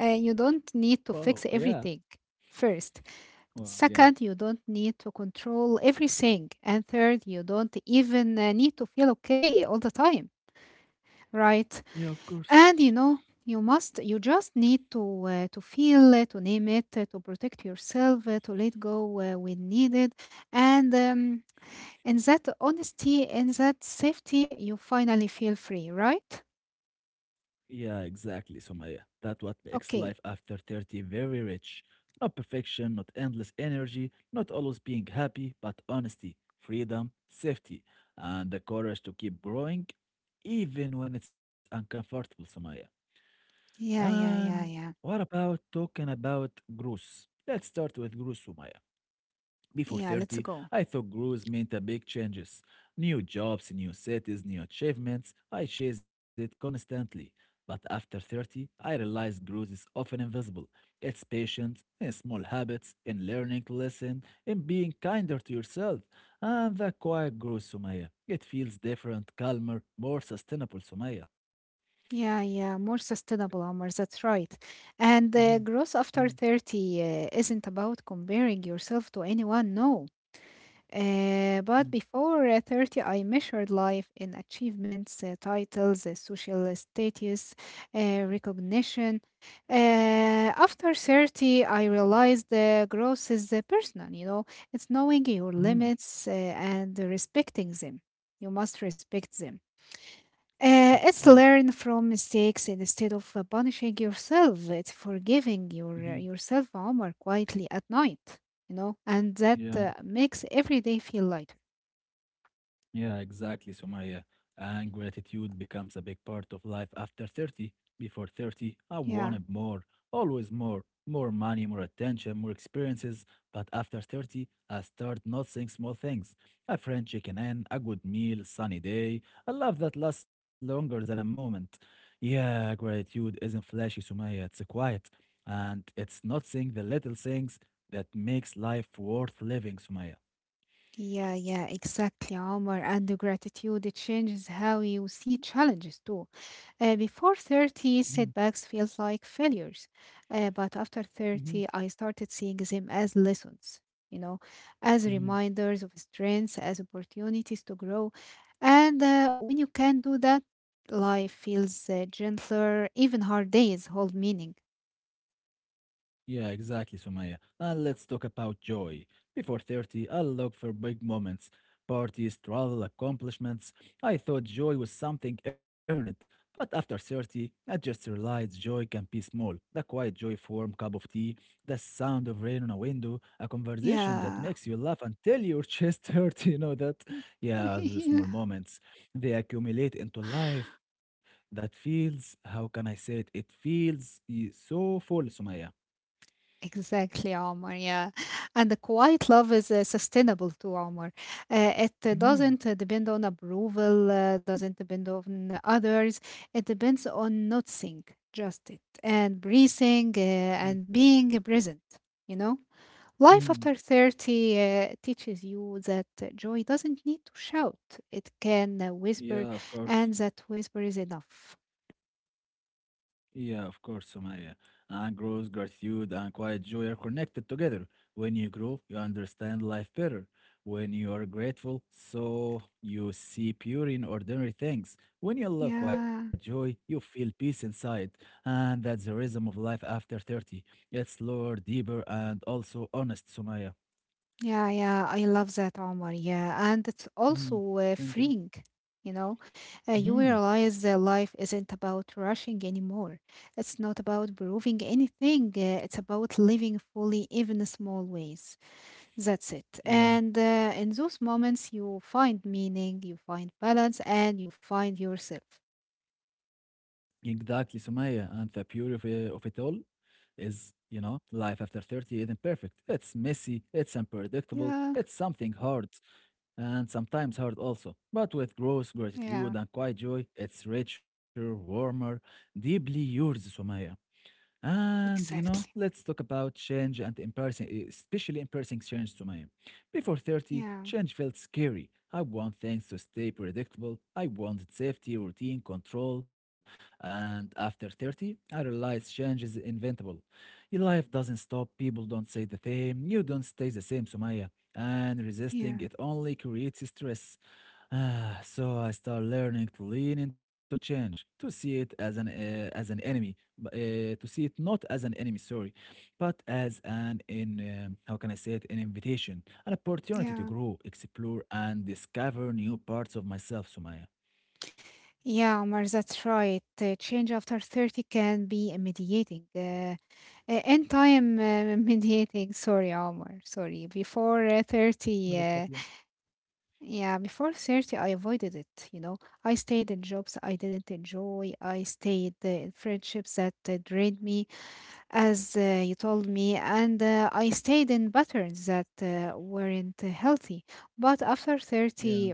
Speaker 2: you don't need to
Speaker 1: Wow.
Speaker 2: fix
Speaker 1: Yeah.
Speaker 2: everything. First,
Speaker 1: Well, yeah.
Speaker 2: second, you don't need to control everything, and third, you don't even need to feel okay all the time,
Speaker 1: Yeah,
Speaker 2: right?
Speaker 1: of course.
Speaker 2: And you know, you just need to feel it, to name it, to protect yourself, to let go when needed, and in that honesty, in that safety, you finally feel free, right?
Speaker 1: Yeah, exactly, Sumaya. That what makes life
Speaker 2: Okay.
Speaker 1: after 30 very rich. Not perfection, not endless energy, not always being happy, but honesty, freedom, safety, and the courage to keep growing, even when it's uncomfortable, Sumaya.
Speaker 2: Yeah, yeah,
Speaker 1: And
Speaker 2: yeah, yeah,
Speaker 1: what about talking about growth? Let's start with growth, Sumaya. Before
Speaker 2: yeah. Let's
Speaker 1: 30,
Speaker 2: go.
Speaker 1: I thought growth meant a big changes. New jobs, new cities, new achievements. I chase it constantly. But after 30, I realized growth is often invisible. It's patient, in small habits, in learning to listen, in being kinder to yourself. And the quiet growth, Sumaya. It feels different, calmer, more sustainable, Sumaya.
Speaker 2: Yeah, yeah. More sustainable, Omar. That's right.
Speaker 1: Mm-hmm.
Speaker 2: And growth
Speaker 1: Mm-hmm.
Speaker 2: after 30 isn't about comparing yourself to anyone. No. But before 30, I measured life in achievements, titles, social status, recognition. Uh, After 30, I realized the growth is personal, you know, it's knowing your
Speaker 1: Mm-hmm.
Speaker 2: limits and respecting them. You must respect them.
Speaker 1: Mm-hmm.
Speaker 2: It's learn from mistakes instead of punishing yourself. It's forgiving
Speaker 1: Mm-hmm.
Speaker 2: yourself, Omar, quietly at night, you know, and that
Speaker 1: Yeah.
Speaker 2: makes every day feel lighter.
Speaker 1: Yeah, exactly, Sumaya. And gratitude becomes a big part of life after 30. Before 30, I
Speaker 2: Yeah,
Speaker 1: wanted more, always more, more money, more attention, more experiences. But after 30, I start noticing small things. A French chicken and a good meal, sunny day. A love that lasts longer than a moment. Yeah, gratitude isn't flashy, Sumaya. It's quiet. And it's noticing the little things that makes life worth living, Sumaya.
Speaker 2: yeah, exactly, Omar. And the gratitude it changes how you see challenges too. Before
Speaker 1: Mm-hmm,
Speaker 2: 30, setbacks feels like failures. But after 30, I started seeing them as lessons, you know, as
Speaker 1: mm-hmm,
Speaker 2: reminders of strengths, as opportunities to grow. And when you can do that, life feels gentler. Even hard days hold meaning.
Speaker 1: yeah, exactly, Sumaya. And let's talk about joy. Before 30, I look for big moments, parties, travel, accomplishments. I thought joy was something earned, but after 30, I just realized joy can be small. The quiet joy of warm cup of tea, the sound of rain on a window, a conversation that
Speaker 2: Yeah.
Speaker 1: makes you laugh until your chest <laughs> hurts, you know that? Yeah, those small
Speaker 2: <laughs>
Speaker 1: moments. They accumulate into life that feels, how can I say it? It feels so full, Sumaya.
Speaker 2: Exactly, Omar. Yeah. And the quiet love is sustainable too, Omar. It
Speaker 1: Mm-hmm.
Speaker 2: doesn't depend on approval, doesn't depend on others. It depends on noticing just it and breathing and being present, you know? Life
Speaker 1: Mm-hmm.
Speaker 2: after 30 teaches you that joy doesn't need to shout, it can whisper,
Speaker 1: Yeah, of course.
Speaker 2: and that whisper is enough.
Speaker 1: Yeah, of course, Somaya. And growth, gratitude, and quiet joy are connected together. When you grow, you understand life better. When you are grateful, so you see pure in ordinary things. When you love quiet
Speaker 2: Yeah.
Speaker 1: joy, you feel peace inside. And that's the rhythm of life after 30. It's slower, deeper, and also honest, Somaya.
Speaker 2: Yeah, I love that, Omar. Yeah, and it's
Speaker 1: Mm,
Speaker 2: also
Speaker 1: thank you.
Speaker 2: freeing. You know, you
Speaker 1: Hmm.
Speaker 2: realize that life isn't about rushing anymore. It's not about proving anything. It's about living fully, even in small ways. That's it. And
Speaker 1: Yeah.
Speaker 2: in those moments, you find meaning, you find balance, and you find yourself.
Speaker 1: Exactly, Sumaya, and the beauty of it all is, you know, life after 30 isn't perfect. It's messy, it's unpredictable,
Speaker 2: Yeah,
Speaker 1: it's something hard, and sometimes hard also. But with growth,
Speaker 2: yeah,
Speaker 1: gratitude, and quiet joy, it's richer, warmer, deeply yours, Sumaya. And you know,
Speaker 2: exactly.
Speaker 1: let's talk about change and embarrassing, especially embarrassing change to my. Before 30,
Speaker 2: Yeah,
Speaker 1: change felt scary. I want things to stay predictable. I wanted safety, routine, control. And after 30, I realized change is inventable. Your life doesn't stop. People don't say the same. You don't stay the same, Sumaya. And resisting
Speaker 2: yeah,
Speaker 1: it only creates stress. <sighs> Ah, so I start learning to lean into change, to see it as an enemy to see it not as an enemy, sorry, but as an in how can I say it, an invitation, an opportunity to
Speaker 2: yeah.
Speaker 1: grow, explore, and discover new parts of myself, Sumaya.
Speaker 2: Yeah, Omar, that's right. Change after 30 can be mediating. End time <laughs> mediating. Sorry, Omar. Sorry. Before uh, 30,
Speaker 1: Not a
Speaker 2: uh,
Speaker 1: problem.
Speaker 2: yeah, before 30, I avoided it. You know, I stayed in jobs I didn't enjoy. I stayed in friendships that drained me, as you told me. And I stayed in patterns that weren't healthy. But after
Speaker 1: Yeah.
Speaker 2: 30,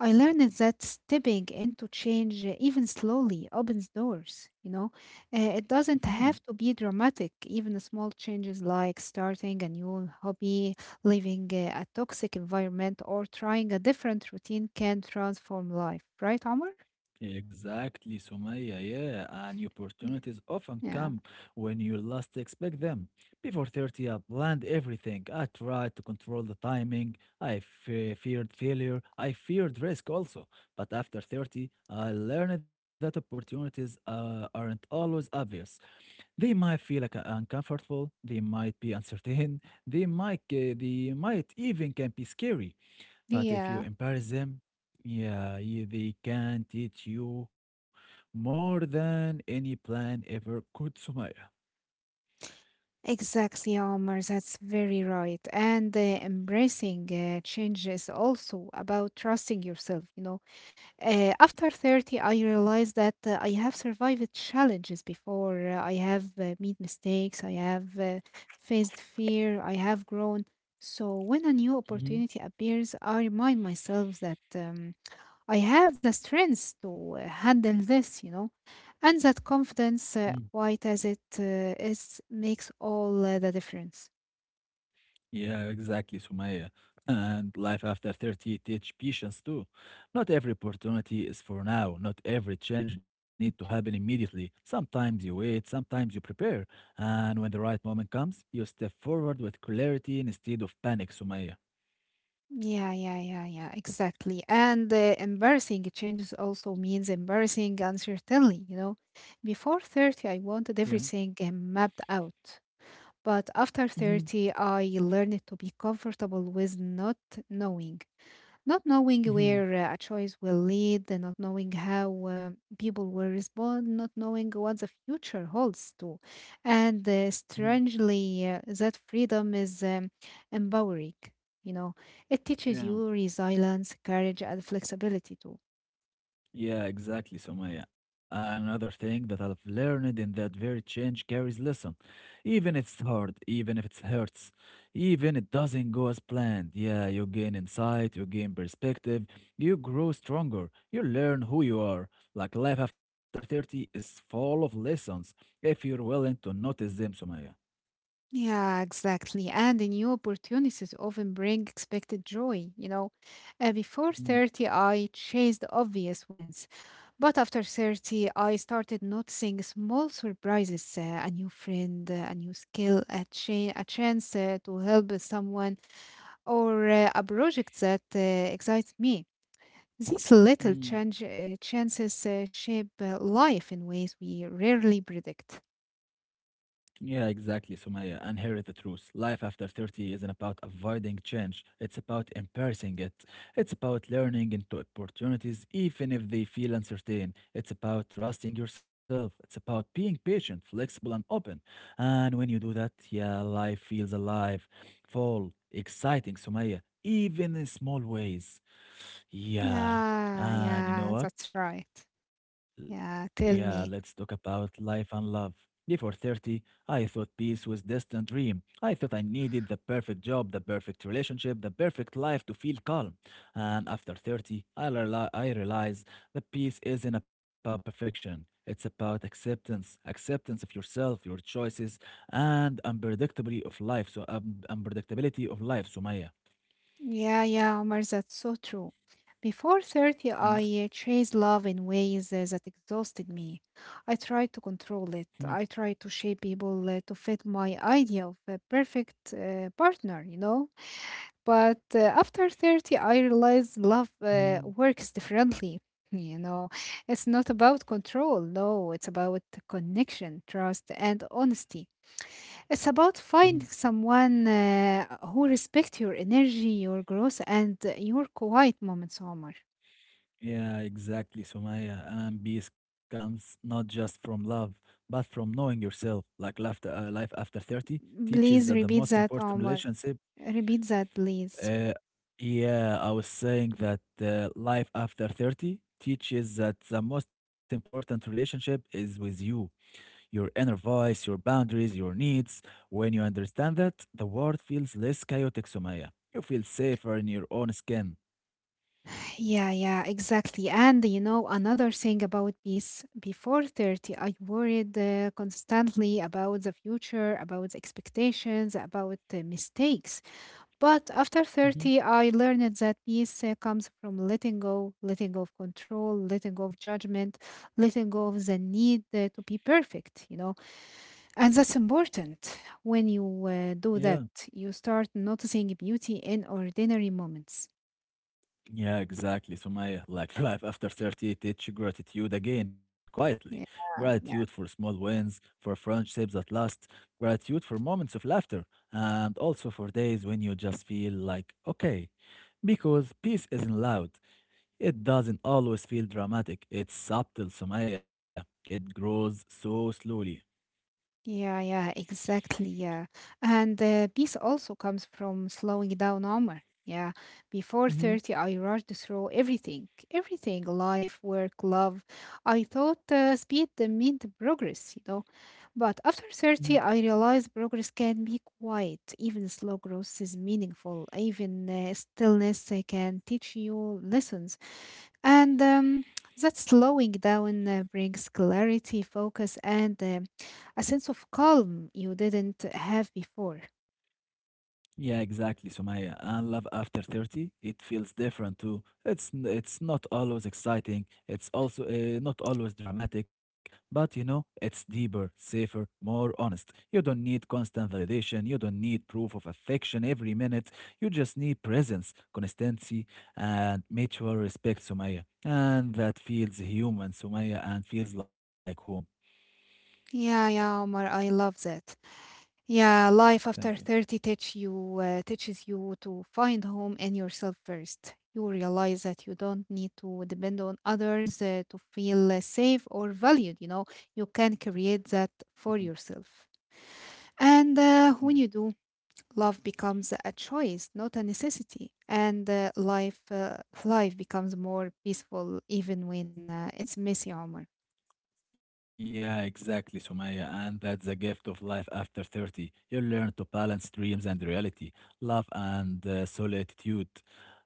Speaker 2: I learned that stepping into change, even slowly, opens doors. It doesn't
Speaker 1: Mhm.
Speaker 2: have to be dramatic. Even small changes like starting a new hobby, leaving a toxic environment, or trying a different routine can transform life. Right, Omar?
Speaker 1: Exactly, Sumaya. Yeah, and opportunities often
Speaker 2: Yeah.
Speaker 1: come when you least expect them. Before 30, I planned everything. I tried to control the timing. Feared failure. I feared risk also. But after 30, I learned that opportunities aren't always obvious. They might feel like uncomfortable. They might be uncertain. They might even can be scary. But if you
Speaker 2: Yeah.
Speaker 1: embarrass them, yeah, they can teach you more than any plan ever could, Sumaya.
Speaker 2: Exactly, Omar. That's very right. And embracing change is also about trusting yourself. After 30, I realized that I have survived challenges before. I have made mistakes. I have faced fear. I have grown. So when a new
Speaker 1: Mhm,
Speaker 2: opportunity appears, I remind myself that I have the strength to handle this, and that
Speaker 1: mm.
Speaker 2: confidence, quite as it is, makes all the difference.
Speaker 1: Yeah, exactly, Sumaya. And life after 30 teach patience too. Not every opportunity is for now. Not every change need to happen immediately. Sometimes you wait, sometimes you prepare. And when the right moment comes, you step forward with clarity instead of panic, Sumaya.
Speaker 2: Yeah, exactly. And embarrassing changes also means embarrassing uncertainty, Before 30, I
Speaker 1: Yeah.
Speaker 2: wanted everything mapped out. But after
Speaker 1: Hmm.
Speaker 2: 30, I learned to be comfortable with not knowing. Not knowing
Speaker 1: Hmm.
Speaker 2: where a choice will lead, and not knowing how people will respond, not knowing what the future holds too. And
Speaker 1: Hmm.
Speaker 2: strangely, that freedom is empowering. You know, it teaches
Speaker 1: Yeah.
Speaker 2: you resilience, courage, and flexibility too.
Speaker 1: Yeah, exactly, Somaya. Another thing that I've learned in that very change carries lesson. Even if it's hard, even if it hurts, even it doesn't go as planned. Yeah, you gain insight, you gain perspective, you grow stronger, you learn who you are. Like life after 30 is full of lessons if you're willing to notice them, Somaya.
Speaker 2: Yeah, exactly. And the new opportunities often bring expected joy. Before 30, I chased obvious wins. But after 30, I started noticing small surprises, a new friend, a new skill, a chance to help someone, or a project that excites me. These little
Speaker 1: Mhm.
Speaker 2: chances shape life in ways we rarely predict.
Speaker 1: Yeah, exactly, Sumaya. And here is the truth. Life after 30 isn't about avoiding change. It's about embracing it. It's about learning into opportunities, even if they feel uncertain. It's about trusting yourself. It's about being patient, flexible, and open. And when you do that, yeah, life feels alive, full, exciting, Sumaya, even in small ways. Yeah.
Speaker 2: Yeah,
Speaker 1: And you know
Speaker 2: yeah,
Speaker 1: what?
Speaker 2: that's right. Yeah,
Speaker 1: Yeah,
Speaker 2: tell
Speaker 1: let's
Speaker 2: me.
Speaker 1: talk about life and love. Before 30, I thought peace was distant dream. I thought I needed the perfect job, the perfect relationship, the perfect life to feel calm. And after 30, I realize that peace isn't about perfection. It's about acceptance, acceptance of yourself, your choices, and unpredictability of life. So unpredictability of life, Sumaya.
Speaker 2: Yeah, Omar, that's so true. Before 30, I chased love in ways that exhausted me. I tried to control it. I tried to shape people to fit my idea of a perfect partner, you know? But after 30, I realized love works differently. <laughs> You know, it's not about control, no, it's about connection, trust, and honesty. It's about
Speaker 1: <laughs>
Speaker 2: finding someone who respect your energy, your growth, and your quiet moments, Omar.
Speaker 1: Yeah, exactly, Sumaya. And peace comes not just from love, but from knowing yourself. Like life after 30 teaches
Speaker 2: Please
Speaker 1: that the
Speaker 2: repeat
Speaker 1: most
Speaker 2: that,
Speaker 1: important
Speaker 2: Omar.
Speaker 1: relationship.
Speaker 2: Repeat that, please.
Speaker 1: Uh, yeah, I was saying that life after 30 teaches that the most important relationship is with you, your inner voice, your boundaries, your needs. When you understand that, the world feels less chaotic, Sumaya. You feel safer in your own skin.
Speaker 2: Yeah, yeah, exactly. And you know, another thing about peace: before 30, I worried constantly about the future, about the expectations, about mistakes. But after
Speaker 1: Hmm.
Speaker 2: 30, I learned that peace comes from letting go of control, letting go of judgment, letting go of the need to be perfect, And that's important. When you do
Speaker 1: Yeah.
Speaker 2: that, you start noticing beauty in ordinary moments.
Speaker 1: Yeah, exactly, Sumaya. Like <laughs> life after 30 teach gratitude again, quietly.
Speaker 2: Yeah.
Speaker 1: Gratitude for small wins, for friendships that last, gratitude for moments of laughter, and also for days when you just feel like, okay. Because peace isn't loud. It doesn't always feel dramatic. It's subtle, Sumaya. It grows so slowly.
Speaker 2: Yeah, exactly. Yeah. And peace also comes from slowing down, Omar. Yeah. Before
Speaker 1: Mhm,
Speaker 2: 30, I rushed through everything, everything, life, work, love. I thought speed meant progress, But after
Speaker 1: mhm.
Speaker 2: 30, I realized progress can be quiet. Even slow growth is meaningful. Even stillness can teach you lessons. And that slowing down brings clarity, focus, and a sense of calm you didn't have before.
Speaker 1: Yeah, exactly, Sumaya. And love after 30, it feels different too. It's not always exciting. It's also not always dramatic, but you know, it's deeper, safer, more honest. You don't need constant validation. You don't need proof of affection every minute. You just need presence, consistency, and mutual respect, Sumaya. And that feels human, Sumaya, and feels like home.
Speaker 2: Yeah, yeah, Omar, I love that. Yeah, life
Speaker 1: Thank you.
Speaker 2: after 30 teach you uh, teaches you to find home in yourself first. You realize that you don't need to depend on others to feel safe or valued, you know. You can create that for yourself. And
Speaker 1: Mhm.
Speaker 2: when you do, love becomes a choice, not a necessity. And life becomes more peaceful even when it's messy, Omar.
Speaker 1: Yeah, exactly, Sumaya. And that's the gift of life after 30. You learn to balance dreams and reality, love and solitude,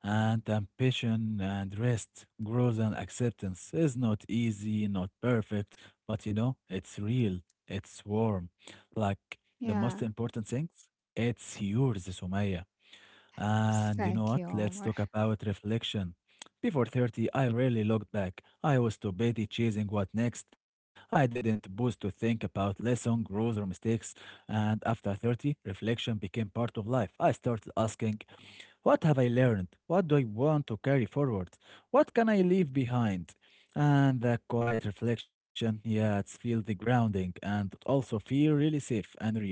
Speaker 1: and ambition and rest, growth and acceptance. Is not easy, not perfect, but you know, it's real, it's warm. Like the most
Speaker 2: Yeah.
Speaker 1: important things, it's yours, Sumaya. And you know
Speaker 2: Thank
Speaker 1: what?
Speaker 2: you,
Speaker 1: Let's
Speaker 2: Omar.
Speaker 1: talk about reflection. Before 30, I rarely looked back. I was too busy chasing what next. I didn't pause to think about lesson, growth, or mistakes. And after 30, reflection became part of life. I started asking, what have I learned? What do I want to carry forward? What can I leave behind? And that quiet reflection, yeah, it's feel the grounding and also feel really safe and real.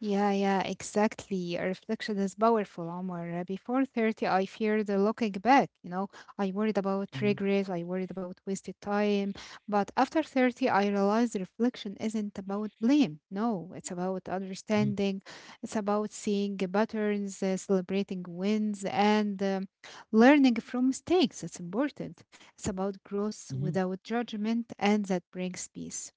Speaker 2: Yeah, yeah, exactly. A reflection is powerful, Omar. Before 30, I feared the looking back, I worried about
Speaker 1: Mhm,
Speaker 2: regrets, I worried about wasted time. But after 30, I realized reflection isn't about blame. No, it's about
Speaker 1: mhm,
Speaker 2: understanding. It's about seeing the patterns, celebrating wins, and learning from mistakes. It's important. It's about growth
Speaker 1: mhm.
Speaker 2: without judgment, and that brings peace.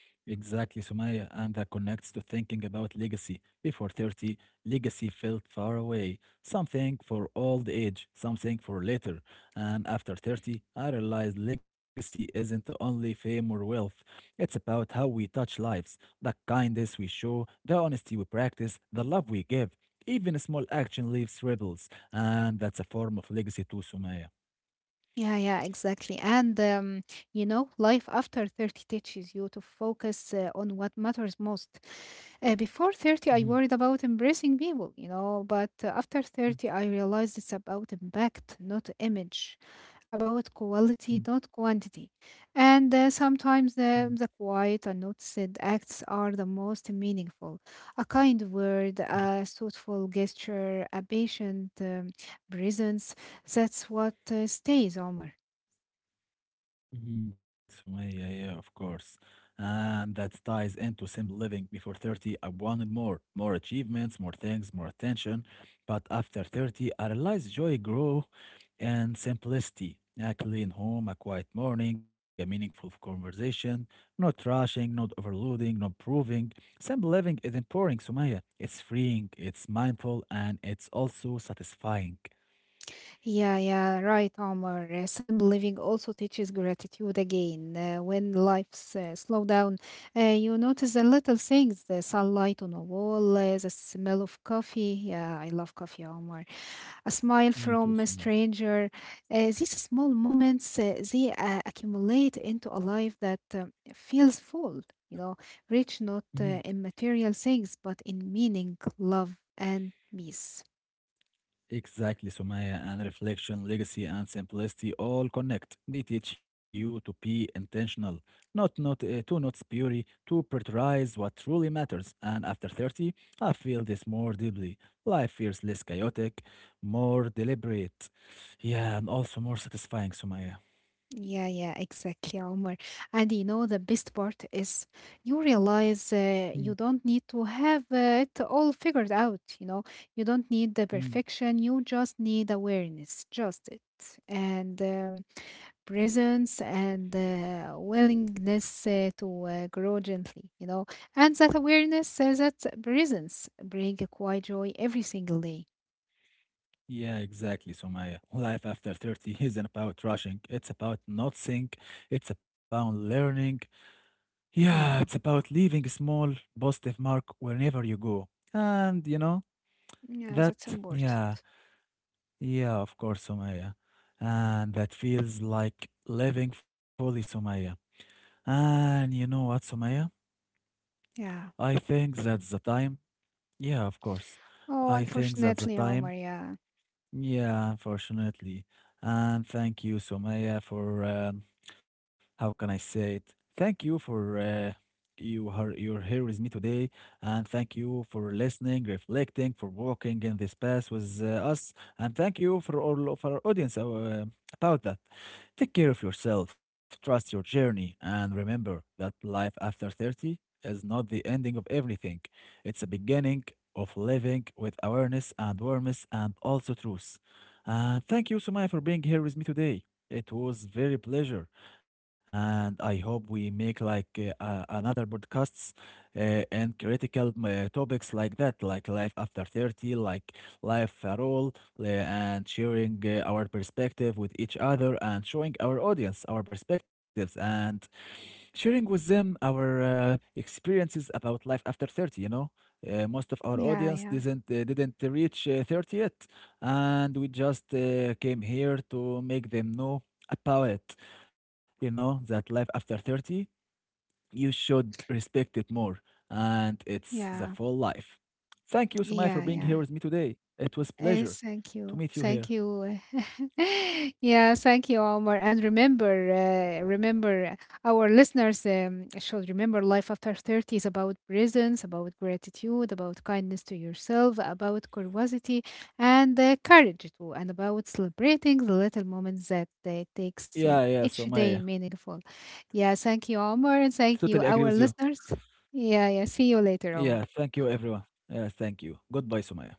Speaker 1: Exactly, Sumaya, and that connects to thinking about legacy. Before 30, legacy felt far away, something for old age, something for later. And after 30, I realized legacy isn't only fame or wealth, it's about how we touch lives, the kindness we show, the honesty we practice, the love we give. Even small action leaves ripples, and that's a form of legacy too, Sumaya.
Speaker 2: Yeah, yeah, exactly. And you know, life after 30 teaches you to focus on what matters most. Before 30,
Speaker 1: Mhm,
Speaker 2: I worried about embracing people, you know, but after 30, I realized it's about impact, not image, about quality,
Speaker 1: mhm,
Speaker 2: not quantity. And sometimes
Speaker 1: mhm,
Speaker 2: the quiet, unnoticed acts are the most meaningful. A kind word,
Speaker 1: mhm.
Speaker 2: a thoughtful gesture, a patient presence, that's what stays, Omar.
Speaker 1: Mhm, Sumaya, yeah, yeah, yeah, of course. And that ties into simple living. Before 30, I wanted more, more achievements, more things, more attention. But after 30, I realized joy grew and simplicity. A clean home, a quiet morning, a meaningful conversation, not rushing, not overloading, not proving. Simple living is empowering, Sumaya. It's freeing, it's mindful, and it's also satisfying.
Speaker 2: Yeah, yeah, right, Omar. Simple living also teaches gratitude again. When life's slow down, you notice the little things, the sunlight on a wall, the smell of coffee. Yeah, I love coffee, Omar. A smile
Speaker 1: Me too,
Speaker 2: from a
Speaker 1: Sumaya.
Speaker 2: stranger. These small moments, they accumulate into a life that feels full, you know, rich not in material things, but in meaning, love, and peace.
Speaker 1: Exactly, Sumaya, and reflection, legacy, and simplicity all connect. They teach you to be intentional, not not to not spurry, to prioritize what truly matters. And after 30, I feel this more deeply. Life feels less chaotic, more deliberate. Yeah, and also more satisfying, Sumaya.
Speaker 2: Yeah, yeah, exactly, Omar. And you know, the best part is you realize
Speaker 1: Mm,
Speaker 2: you don't need to have it all figured out. You don't need the
Speaker 1: mm.
Speaker 2: perfection, you just need awareness, just it, and presence and willingness to grow gently, And that awareness, that presence bring a quiet joy every single day.
Speaker 1: Yeah, exactly, Sumaya. Life after 30 isn't about rushing. It's about not think. It's about learning. Yeah, it's
Speaker 2: Yeah,
Speaker 1: about leaving a small positive mark wherever you go. And you know,
Speaker 2: yeah,
Speaker 1: that,
Speaker 2: that's important.
Speaker 1: yeah, yeah, of course, Sumaya. And that feels like living fully, Sumaya. And you know what, Sumaya?
Speaker 2: Yeah.
Speaker 1: I think that's the time. Yeah, of course.
Speaker 2: Oh,
Speaker 1: I think that's
Speaker 2: unfortunately,
Speaker 1: the
Speaker 2: Omar,
Speaker 1: time.
Speaker 2: yeah.
Speaker 1: Yeah, unfortunately. And thank you, Sumaya, for how can I say it? Thank you for you're here with me today, and thank you for listening, reflecting, for walking in this path with us, and thank you for all of our audience about that. Take care of yourself, trust your journey, and remember that life after 30 is not the ending of everything. It's a beginning of living with awareness and warmth and also truth. And thank you, Sumaya, for being here with me today. It was very pleasure, and I hope we make like another podcasts and critical topics like that, like life after 30, like life at all, and sharing our perspective with each other and showing our audience our perspectives and sharing with them our experiences about life after 30, you know, most of our
Speaker 2: Yeah,
Speaker 1: audience
Speaker 2: yeah,
Speaker 1: didn't reach 30 yet, and we just came here to make them know about it, you know, that life after 30 you should respect it more, and it's the
Speaker 2: yeah,
Speaker 1: full life. Thank you, Sumaya, for
Speaker 2: yeah,
Speaker 1: being
Speaker 2: yeah.
Speaker 1: here with me today. It was pleasure
Speaker 2: Yes, thank
Speaker 1: to
Speaker 2: you,
Speaker 1: meet you
Speaker 2: thank
Speaker 1: here.
Speaker 2: you. <laughs> Yeah, thank you, Omar. And remember, our listeners should remember life after 30 is about presence, about gratitude, about kindness to yourself, about curiosity, and courage too, and about celebrating the little moments that takes
Speaker 1: Yeah, yeah,
Speaker 2: each day
Speaker 1: Sumaya,
Speaker 2: meaningful. Yeah, thank you, Omar, and
Speaker 1: totally
Speaker 2: thank
Speaker 1: agree
Speaker 2: you,
Speaker 1: with you.
Speaker 2: our listeners. Yeah, yeah. See you later,
Speaker 1: Yeah,
Speaker 2: Omar.
Speaker 1: thank you everyone. Yeah, thank you, goodbye, Sumaya.